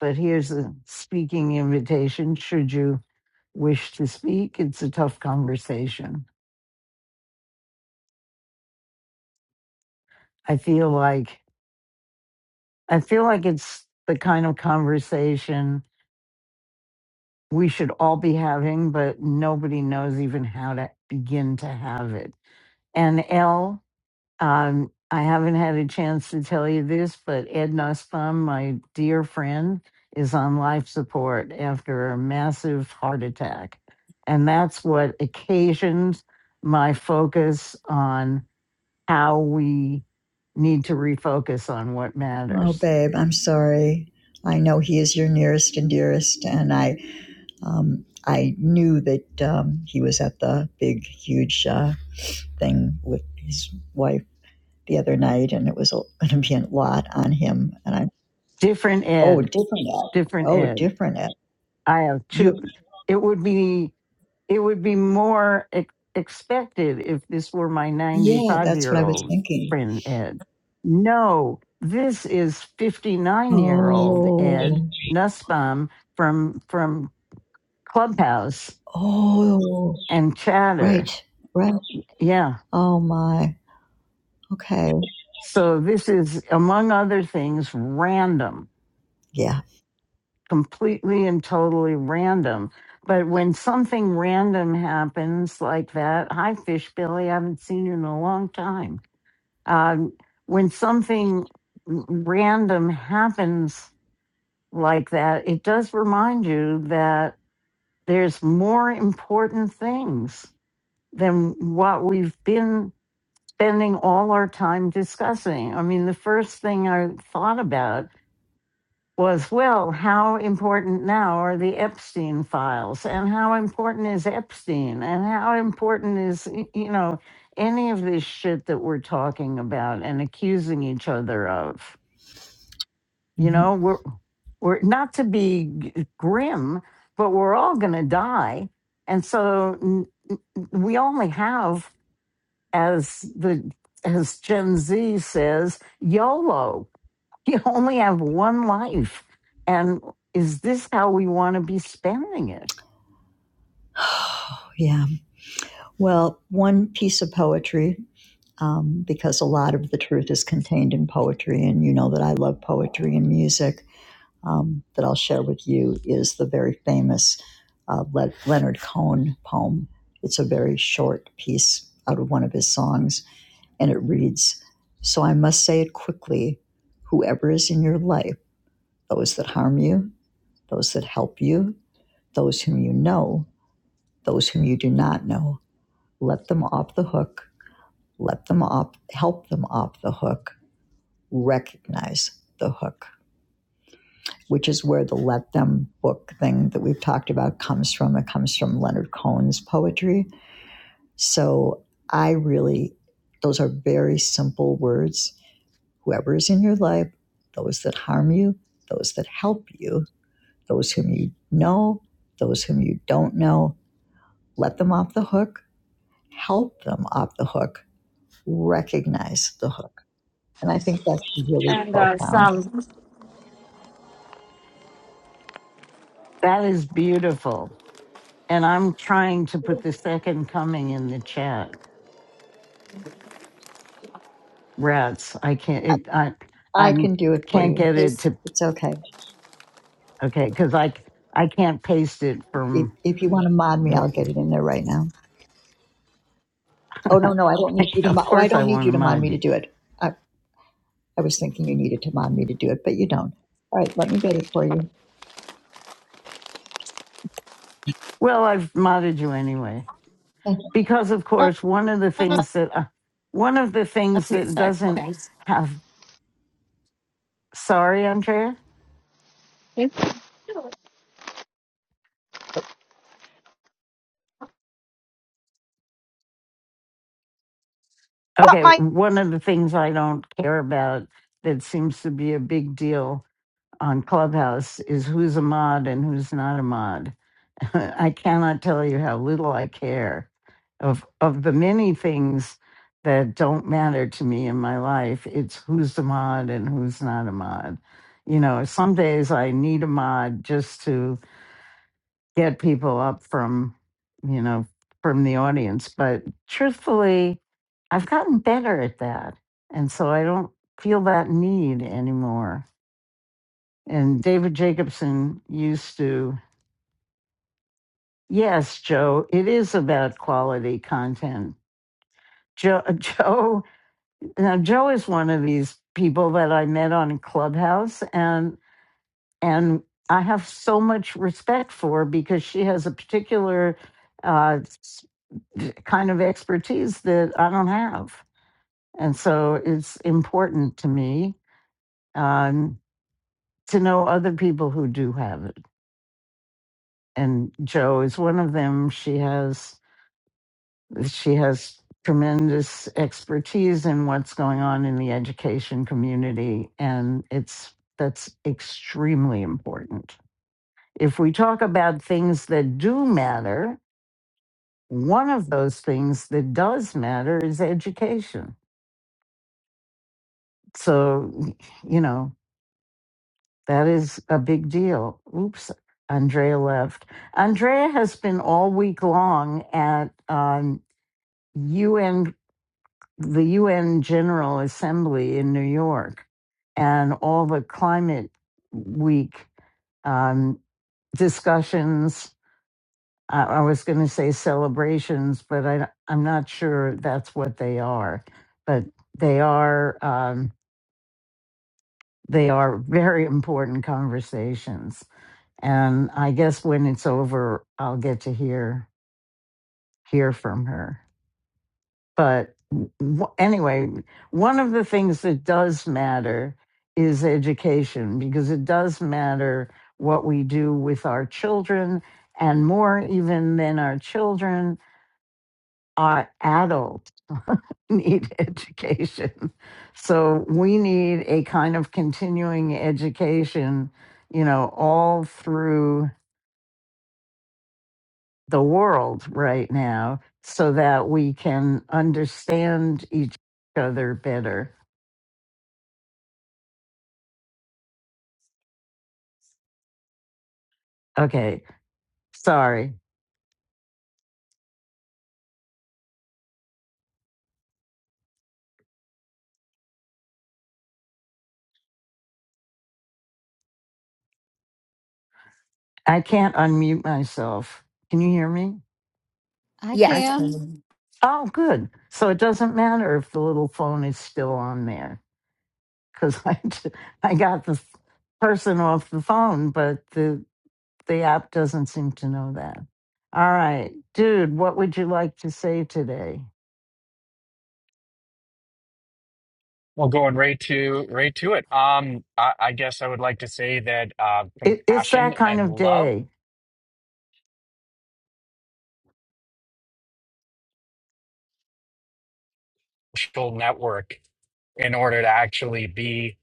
but here's a speaking invitation should you wish to speak it's a tough conversation i feel like i feel like it's the kind of conversation we should all be having but nobody knows even how to begin to have it and l Um, I haven't had a chance to tell you this, but Ed Nussbaum, my dear friend, is on life support after a massive heart attack. And that's what occasioned my focus on how we need to refocus on what
Oh,
matters.
babe, I'm sorry. I know he is your nearest and dearest, and I um, I knew that um, he was at the big, huge uh, thing with his wife the other night, and it was going to be a lot on him. And I,
Different
oh,
Ed,
different ad.
different
Oh,
Ed.
different ad.
I have two.
You,
It would be it would be more ex- expected if this were my
yeah,
95
that's
year
what I was
old
thinking.
friend ed no this is 59 year old ed
Oh,
nussbaum from from clubhouse
oh,
and chatter
right, right.
yeah
Oh my. Okay.
so this is among other things random
Yeah.
completely and totally random but when something random happens like that hi fish billy i haven't seen you in a long time Um, when something random happens like that, it does remind you that there's more important things than what we've been spending all our time discussing. I mean, the first thing I thought about was, well, how important now are the Epstein files? And how important is Epstein? And how important is, y- you know, any of this shit that we're talking about and accusing each other of? You
Mhm.
know, we're we're not to be g- grim, but we're all going to die, and so n- n- we only have, as the as Gen Z says, YOLO. You only have one life, and is this how we want to be spending it?
Yeah. Well, one piece of poetry, um, because a lot of the truth is contained in poetry, and you know that I love poetry and music, um, that I'll share with you is the very famous uh, Le- Leonard Cohen poem. It's a very short piece out of one of his songs, and it reads So I must say it quickly whoever is in your life, those that harm you, those that help you, those whom you know, those whom you do not know, let them off the hook let them off, help them off the hook, recognize the hook, which is where the let them book thing that we've talked about comes from. It comes from Leonard Cohen's poetry. So I really, those are very simple words. Whoever is in your life, those that harm you, those that help you, those whom you know, those whom you don't know, let them off the hook, help them off the hook, recognize the hook. And I think that's really
and uh,
profound.
some.
That is beautiful, and I'm trying to put the second coming in the chat. Rats, I can't. It, I
I
I
can do it for
can't
you.
get it
Please.
to
It's okay.
Okay, because I c- I can't paste it
If,
from.
if you want to mod me,
wha-
I'll get it in there right now. Oh, no, no, I don't need you to
of
mod. Oh, I
course, I
don't need
want to
you to mod
mod
me to
you.
do it. I, I was thinking you needed to mod me to do it, but you don't. All right, let me get it for you.
Well, I've modded you anyway
Okay,
because, of
Uh,
course, one of the things
I'll
that uh, one of the things
take a
that
sec.
doesn't
Thanks.
have. Sorry, Andrea.
It's
Okay,
my
one of the things I don't care about that seems to be a big deal on Clubhouse is who's a mod and who's not a mod. I cannot tell you how little I care of of the many things that don't matter to me in my life. It's who's a mod and who's not a mod. You know, some days I need a mod just to get people up from, you know, from the audience. But truthfully, I've gotten better at that. And so I don't feel that need anymore. And David Jacobson used to Yes, Joe, it is about quality content. Joe, Joe, now Joe is one of these people that I met on Clubhouse, and and I have so much respect for because she has a particular uh, s- kind of expertise that I don't have, and so it's important to me um, to know other people who do have it. And Joe is one of them. She has. She has tremendous expertise in what's going on in the education community, and it's that's extremely important. If we talk about things that do matter, one of those things that does matter is education. So, you know, that is a big deal. Oops, Andrea left. Andrea has been all week long at um, UN the UN General Assembly in New York and all the climate week um, discussions. I, I was going to say celebrations, but I, I'm not sure that's what they are. But they are um, they are very important conversations, and I guess when it's over, I'll get to hear hear from her. but w- anyway, one of the things that does matter is education because it does matter what we do with our children, and more even than our children, our adults need education. So we need a kind of continuing education, you know, all through the world right now so that we can understand each other better. Okay. Sorry, I can't unmute myself. Can you hear me?
I
Yes.
can.
Oh, good. So it doesn't matter if the little phone is still on there because I, t- I got the person off the phone, but the, the app doesn't seem to know that. All right, dude, what would you like to say today?
Well, going right to right to it. Um, I, I guess I would like to say that uh,
It, it's that
compassion
kind
and
of
love
day.
social network in order to actually be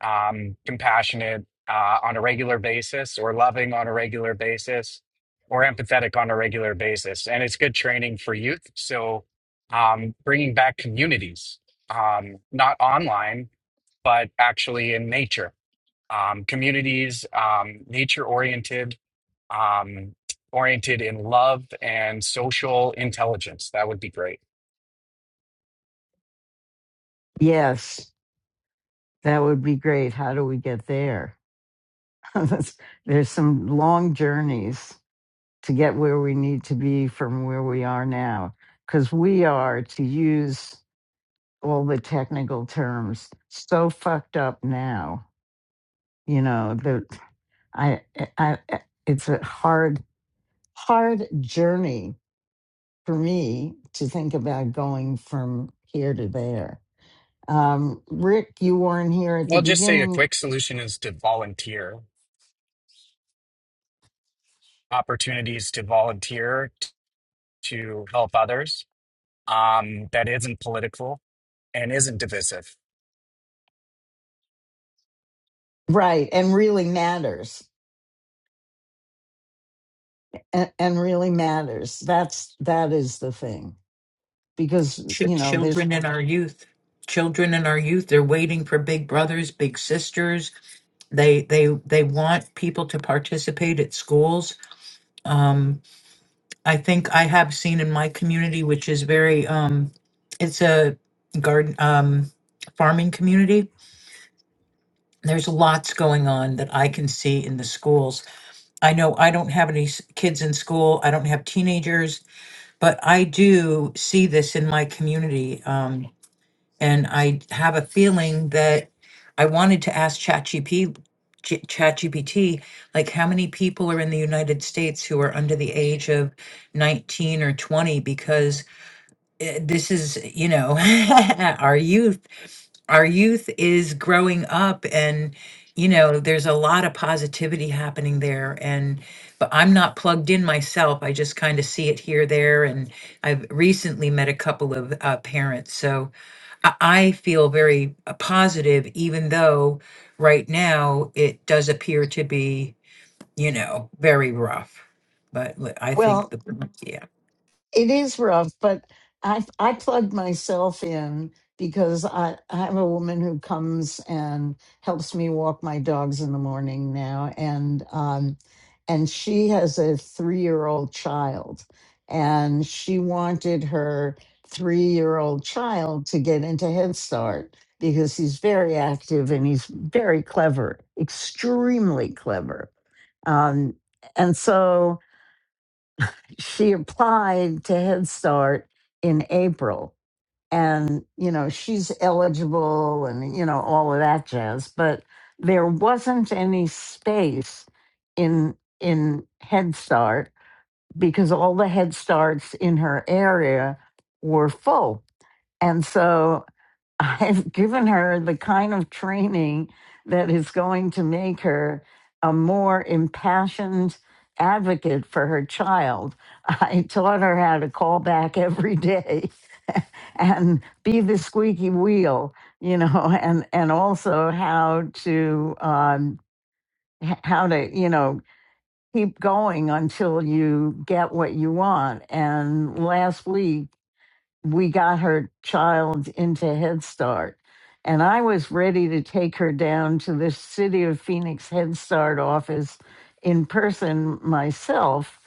um, compassionate uh, on a regular basis, or loving on a regular basis, or empathetic on a regular basis, and it's good training for youth. So, um, bringing back communities, um, not online, but actually in nature um, communities, um, nature oriented, um, oriented in love and social intelligence. That would be great.
Yes, that would be great. How do we get there? That's- There's some long journeys. to get where we need to be from where we are now. Because we are, to use all the technical terms, so fucked up now. You know that I, I, I- eh, it's a hard, hard journey for me to think about going from here to there. Um, Rick, you weren't here at the
Well, just say a
beginning,
quick solution is to volunteer, opportunities to volunteer t- to help others um, that isn't political and isn't divisive.
right? And really matters, and, and really matters. That's that is the thing because
Ch-
you know there's
children in our youth children in our youth they're waiting for big brothers big sisters they they they want people to participate at schools um i think i have seen in my community which is very um it's a garden um farming community there's lots going on that i can see in the schools I know I don't have any s- kids in school. I don't have teenagers, but I do see this in my community. Um, and I have a feeling that I wanted to ask ChatGPT, G- ChatGPT, like how many people are in the United States who are under the age of 19 or 20? Because eh, this is, you know, our youth our youth is growing up and you know there's a lot of positivity happening there and but i'm not plugged in myself i just kind of see it here there and i've recently met a couple of uh, parents so i I feel very uh, positive even though right now it does appear to be you know very rough but li- i think
well
the yeah
It is rough, but I I plug myself in because I, I have a woman who comes and helps me walk my dogs in the morning now, and um, and she has a three year old child, and she wanted her three year old child to get into Head Start because he's very active and he's very clever, extremely clever, um, and so she applied to Head Start in April. And, you know, she's eligible and, you know, all of that jazz. But there wasn't any space in in Head Start because all the Head Starts in her area were full. And so I've given her the kind of training that is going to make her a more impassioned advocate for her child. I taught her how to call back every day and be the squeaky wheel, you know, and and also how to um, h- how to you know keep going until you get what you want. And last week we got her child into Head Start. And I was ready to take her down to the City of Phoenix Head Start office in person myself,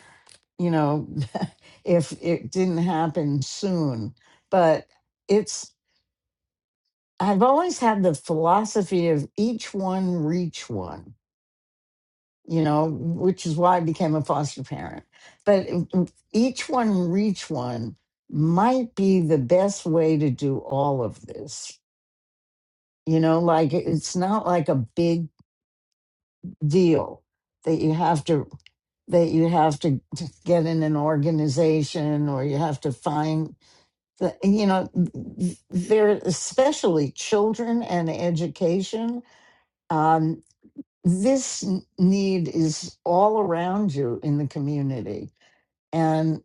you know, if it didn't happen soon. But it's, I've always had the philosophy of each one, reach one you know, which is why I became a foster parent. But each one reach one might be the best way to do all of this. You know, like it- it's not like a big deal that you have to that you have to get in an organization or you have to find the you know there especially children and education um, this need is all around you in the community and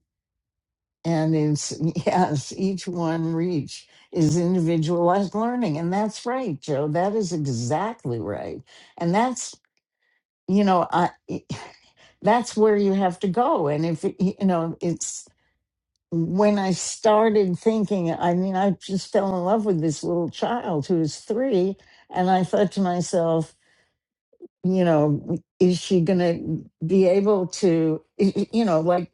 and it's yes each one reach is individualized learning and that's right joe that is exactly right and that's you know i that's where you have to go and if it- you know it's when i started thinking i mean i just fell in love with this little child who is 3 and i thought to myself you know, is she going to be able to, y- you know, like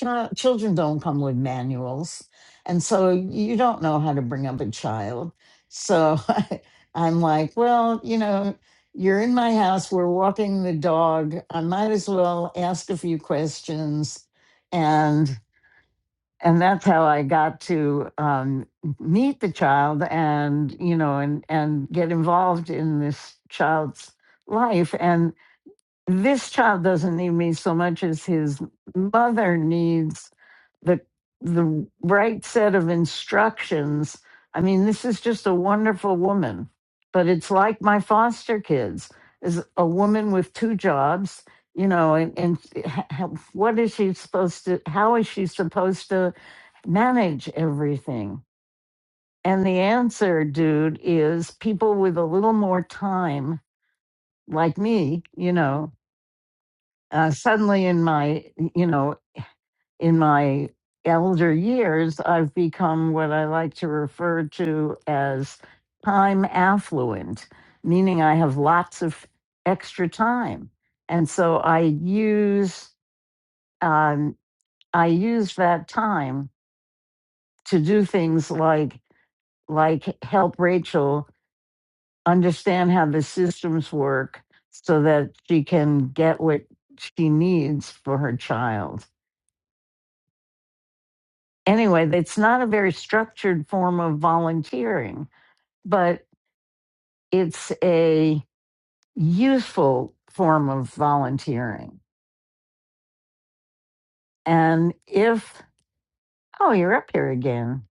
chi- children don't come with manuals. And so you don't know how to bring up a child. So I, I'm like, well, you know, you're in my house, we're walking the dog. I might as well ask a few questions. And and that's how I got to um, meet the child and you know and and get involved in this child's life. And this child doesn't need me so much as his mother needs the the right set of instructions. I mean, this is just a wonderful woman, but it's like my foster kids is a woman with two jobs, you know, and, and h- h- what is she supposed to, how is she supposed to manage everything? And the answer, dude, is people with a little more time, like me, you know, uh, suddenly in my you know in my elder years i've become what i like to refer to as time affluent meaning i have lots of extra time and so i use um, i use that time to do things like like help rachel understand how the systems work so that she can get what she needs for her child anyway, it's not a very structured form of volunteering, but it's a useful form of volunteering. And if, oh, you're up here again.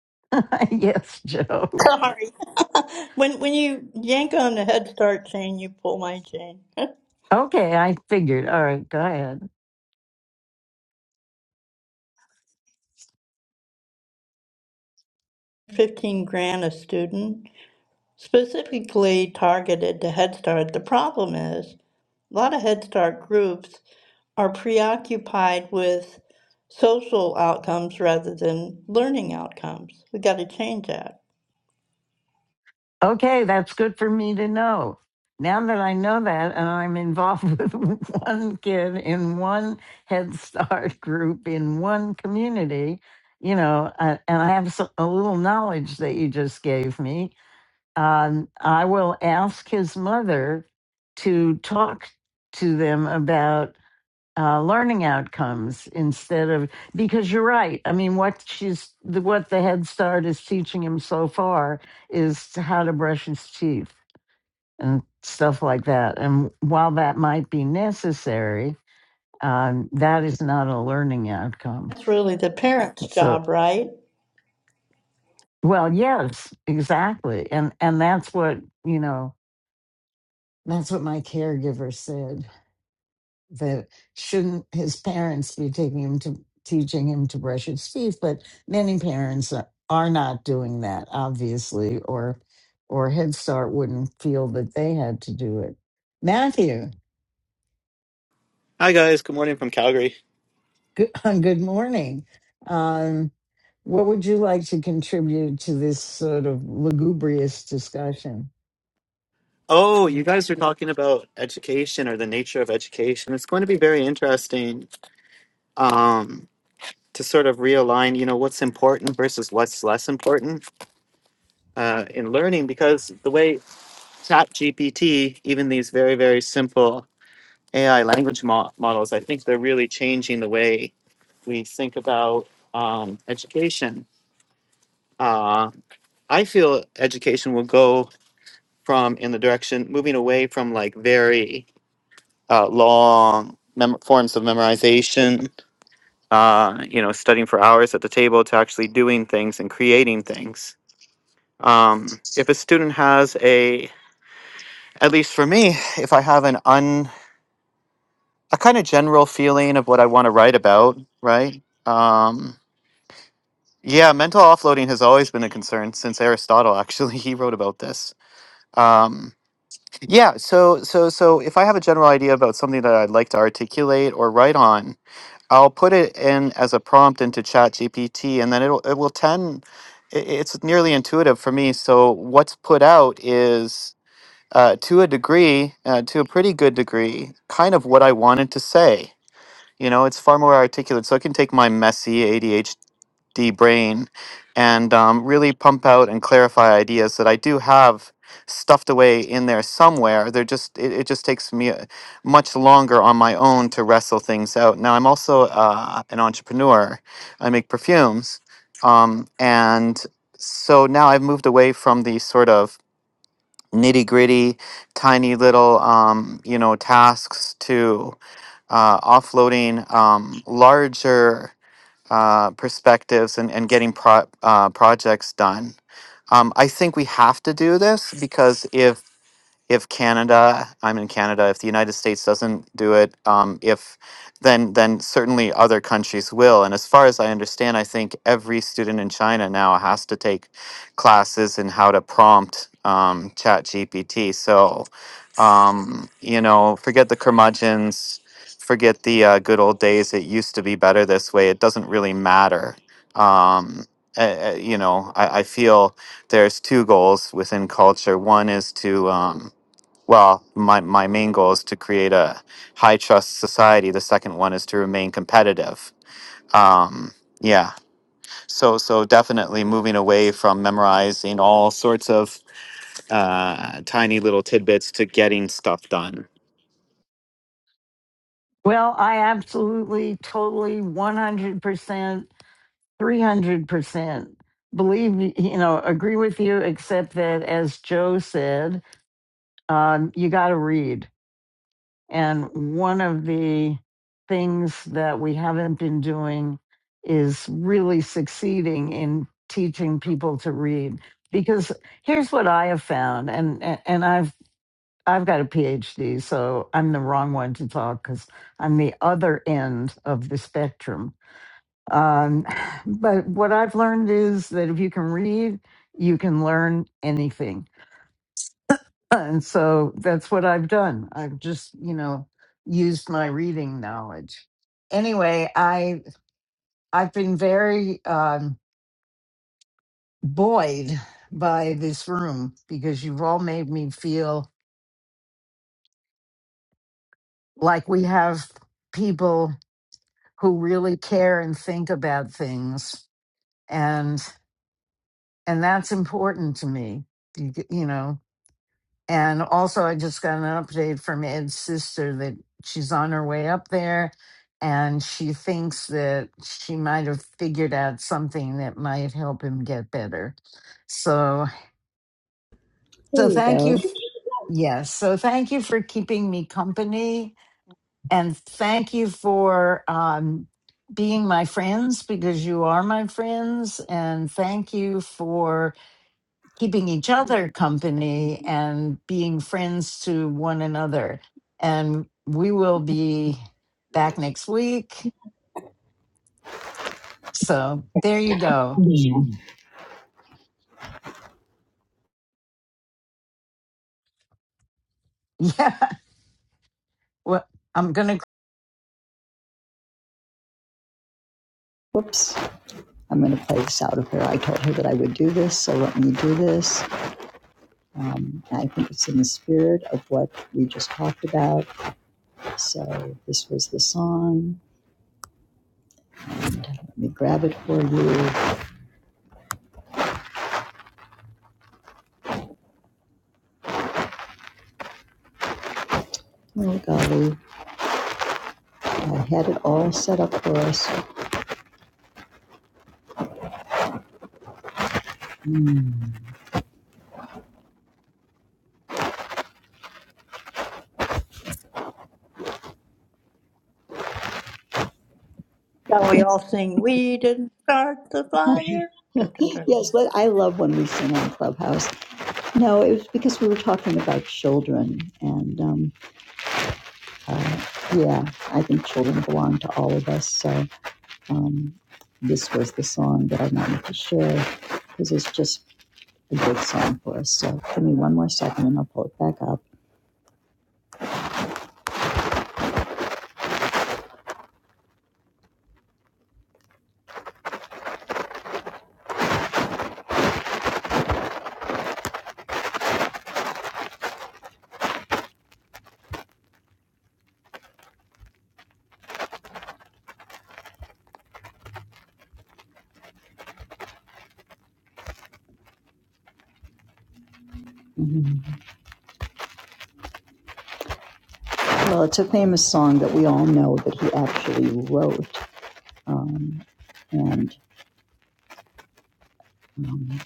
yes, Joe.
Sorry. When when you yank on the Head Start chain, you pull my chain.
Okay, I figured. All right, go ahead.
15 grand a student, specifically targeted to Head Start. The problem is a lot of Head Start groups are preoccupied with social outcomes rather than learning outcomes. We got to change that.
Okay, that's good for me to know. Now that I know that, and I'm involved with one kid in one Head Start group in one community, you know, uh, and I have so, a little knowledge that you just gave me, um, I will ask his mother to talk to them about uh, learning outcomes instead of because you're right. I mean, what she's the, what the Head Start is teaching him so far is how to brush his teeth and stuff like that. And while that might be necessary, um, that is not a learning outcome.
That's really the parents'
So,
job, right?
well, yes, exactly, and and that's what you know. That's what my caregiver said that shouldn't his parents be taking him to teaching him to brush his teeth but many parents are are not doing that obviously or or head start wouldn't feel that they had to do it matthew
Hi guys, good morning from Calgary.
good, good morning um, what would you like to contribute to this sort of lugubrious discussion
Oh, you guys are talking about education or the nature of education. It's going to be very interesting um, to sort of realign, you know, what's important versus what's less important uh, in learning. Because the way ChatGPT, even these very very simple AI language mo- models, I think they're really changing the way we think about um, education. Uh, I feel education will go from in the direction moving away from like very uh, long mem- forms of memorization, uh, you know, studying for hours at the table to actually doing things and creating things. Um, if a student has a, at least for me, if I have an un, a kind of general feeling of what I want to write about, right? Um, yeah, mental offloading has always been a concern since Aristotle. Actually, he wrote about this. Um, yeah, so so so if I have a general idea about something that I'd like to articulate or write on, I'll put it in as a prompt into ChatGPT, and then it'll it will tend. i- It's nearly intuitive for me. So what's put out is, uh, to a degree, uh, to a pretty good degree, kind of what I wanted to say. You know, it's far more articulate. So I can take my messy ADHD D brain and um, really pump out and clarify ideas that I do have stuffed away in there somewhere. They're just it, it just takes me uh, much longer on my own to wrestle things out. Now I'm also uh, an entrepreneur. I make perfumes, um, and so now I've moved away from the sort of nitty gritty, tiny little um, you know tasks to uh, offloading um, larger uh, perspectives and, and getting pro- uh, projects done. Um, I think we have to do this because if if Canada, I'm in Canada, if the United States doesn't do it, um, if then then certainly other countries will. And as far as I understand, I think every student in China now has to take classes in how to prompt um, Chat GPT. So, um, you know, forget the curmudgeons, forget the uh, good old days. It used to be better this way. It doesn't really matter. Um, uh, uh, you know, I, I feel there's two goals within culture. One is to um, well, my, my main goal is to create a high trust society. The second one is to remain competitive. Um, yeah. So, so definitely moving away from memorizing all sorts of uh, tiny little tidbits to getting stuff done.
Well, I absolutely, totally, 100% 300% believe you know agree with you except that as joe said um, you got to read and one of the things that we haven't been doing is really succeeding in teaching people to read because here's what i have found and and and i've i've got a phd so i'm the wrong one to talk because i'm the other end of the spectrum um, but what I've learned is that if you can read, you can learn anything. And so that's what I've done. I've just, you know, used my reading knowledge. Anyway, I I've been very um, buoyed by this room because you've all made me feel like we have people who really care and think about things, and and that's important to me. You, you know, And also, I just got an update from Ed's sister that she's on her way up there and she thinks that she might have figured out something that might help him get better. So,
There
so
you
thank
go.
you. f- Yes. So thank you for keeping me company and thank you for um, being my friends because you are my friends. And thank you for keeping each other company and being friends to one another. And we will be back next week. So there you go. Yeah. Well, I'm going to
Whoops. I'm going to play this out of her. I told her that I would do this, so let me do this. Um, I think it's in the spirit of what we just talked about. So this was the song. Let me grab it for you. Oh, golly, I had it all set up for us. Mm.
Shall we all sing, We Didn't Start the Fire? Dun, dun, dun.
yes, but I love when we sing on Clubhouse. No, it was because we were talking about children, and um, uh, yeah, I think children belong to all of us. So um, this was the song that I wanted to share because it's just a good song for us. So give me one more second, and I'll pull it back up. Mm. Well, it's a famous song that we all know that he actually wrote. Um, and Oh,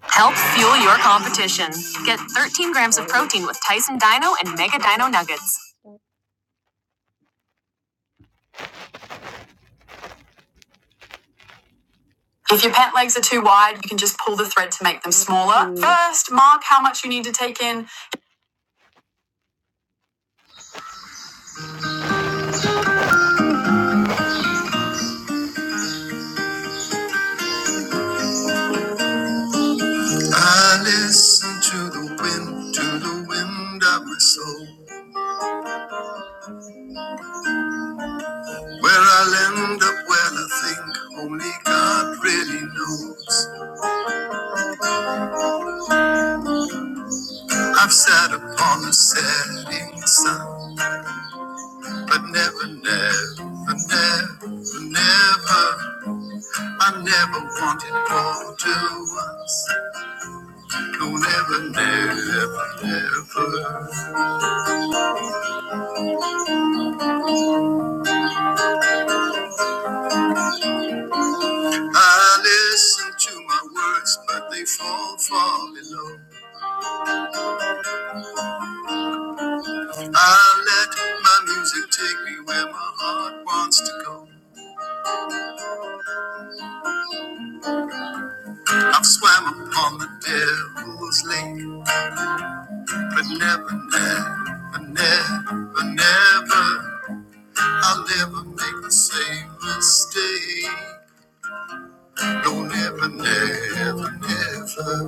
Help fuel your competition. Get 13 grams of protein with Tyson Dino and Mega Dino Nuggets. If your pant legs are too wide, you can just pull the thread to make them smaller. First, mark how much you need to take in. I listen to the wind, to the wind I whistle. Where I'll end up, well, I think only God really knows. I've sat upon the setting sun. But never, never, never, never, I never wanted more to us. No, never, never, never. I listen to my words, but they fall far below. I let my music take me where my heart wants to go. I've swam upon the devil's lake, but never, never, never, never. I'll never make the same mistake. Don't ever, never, never.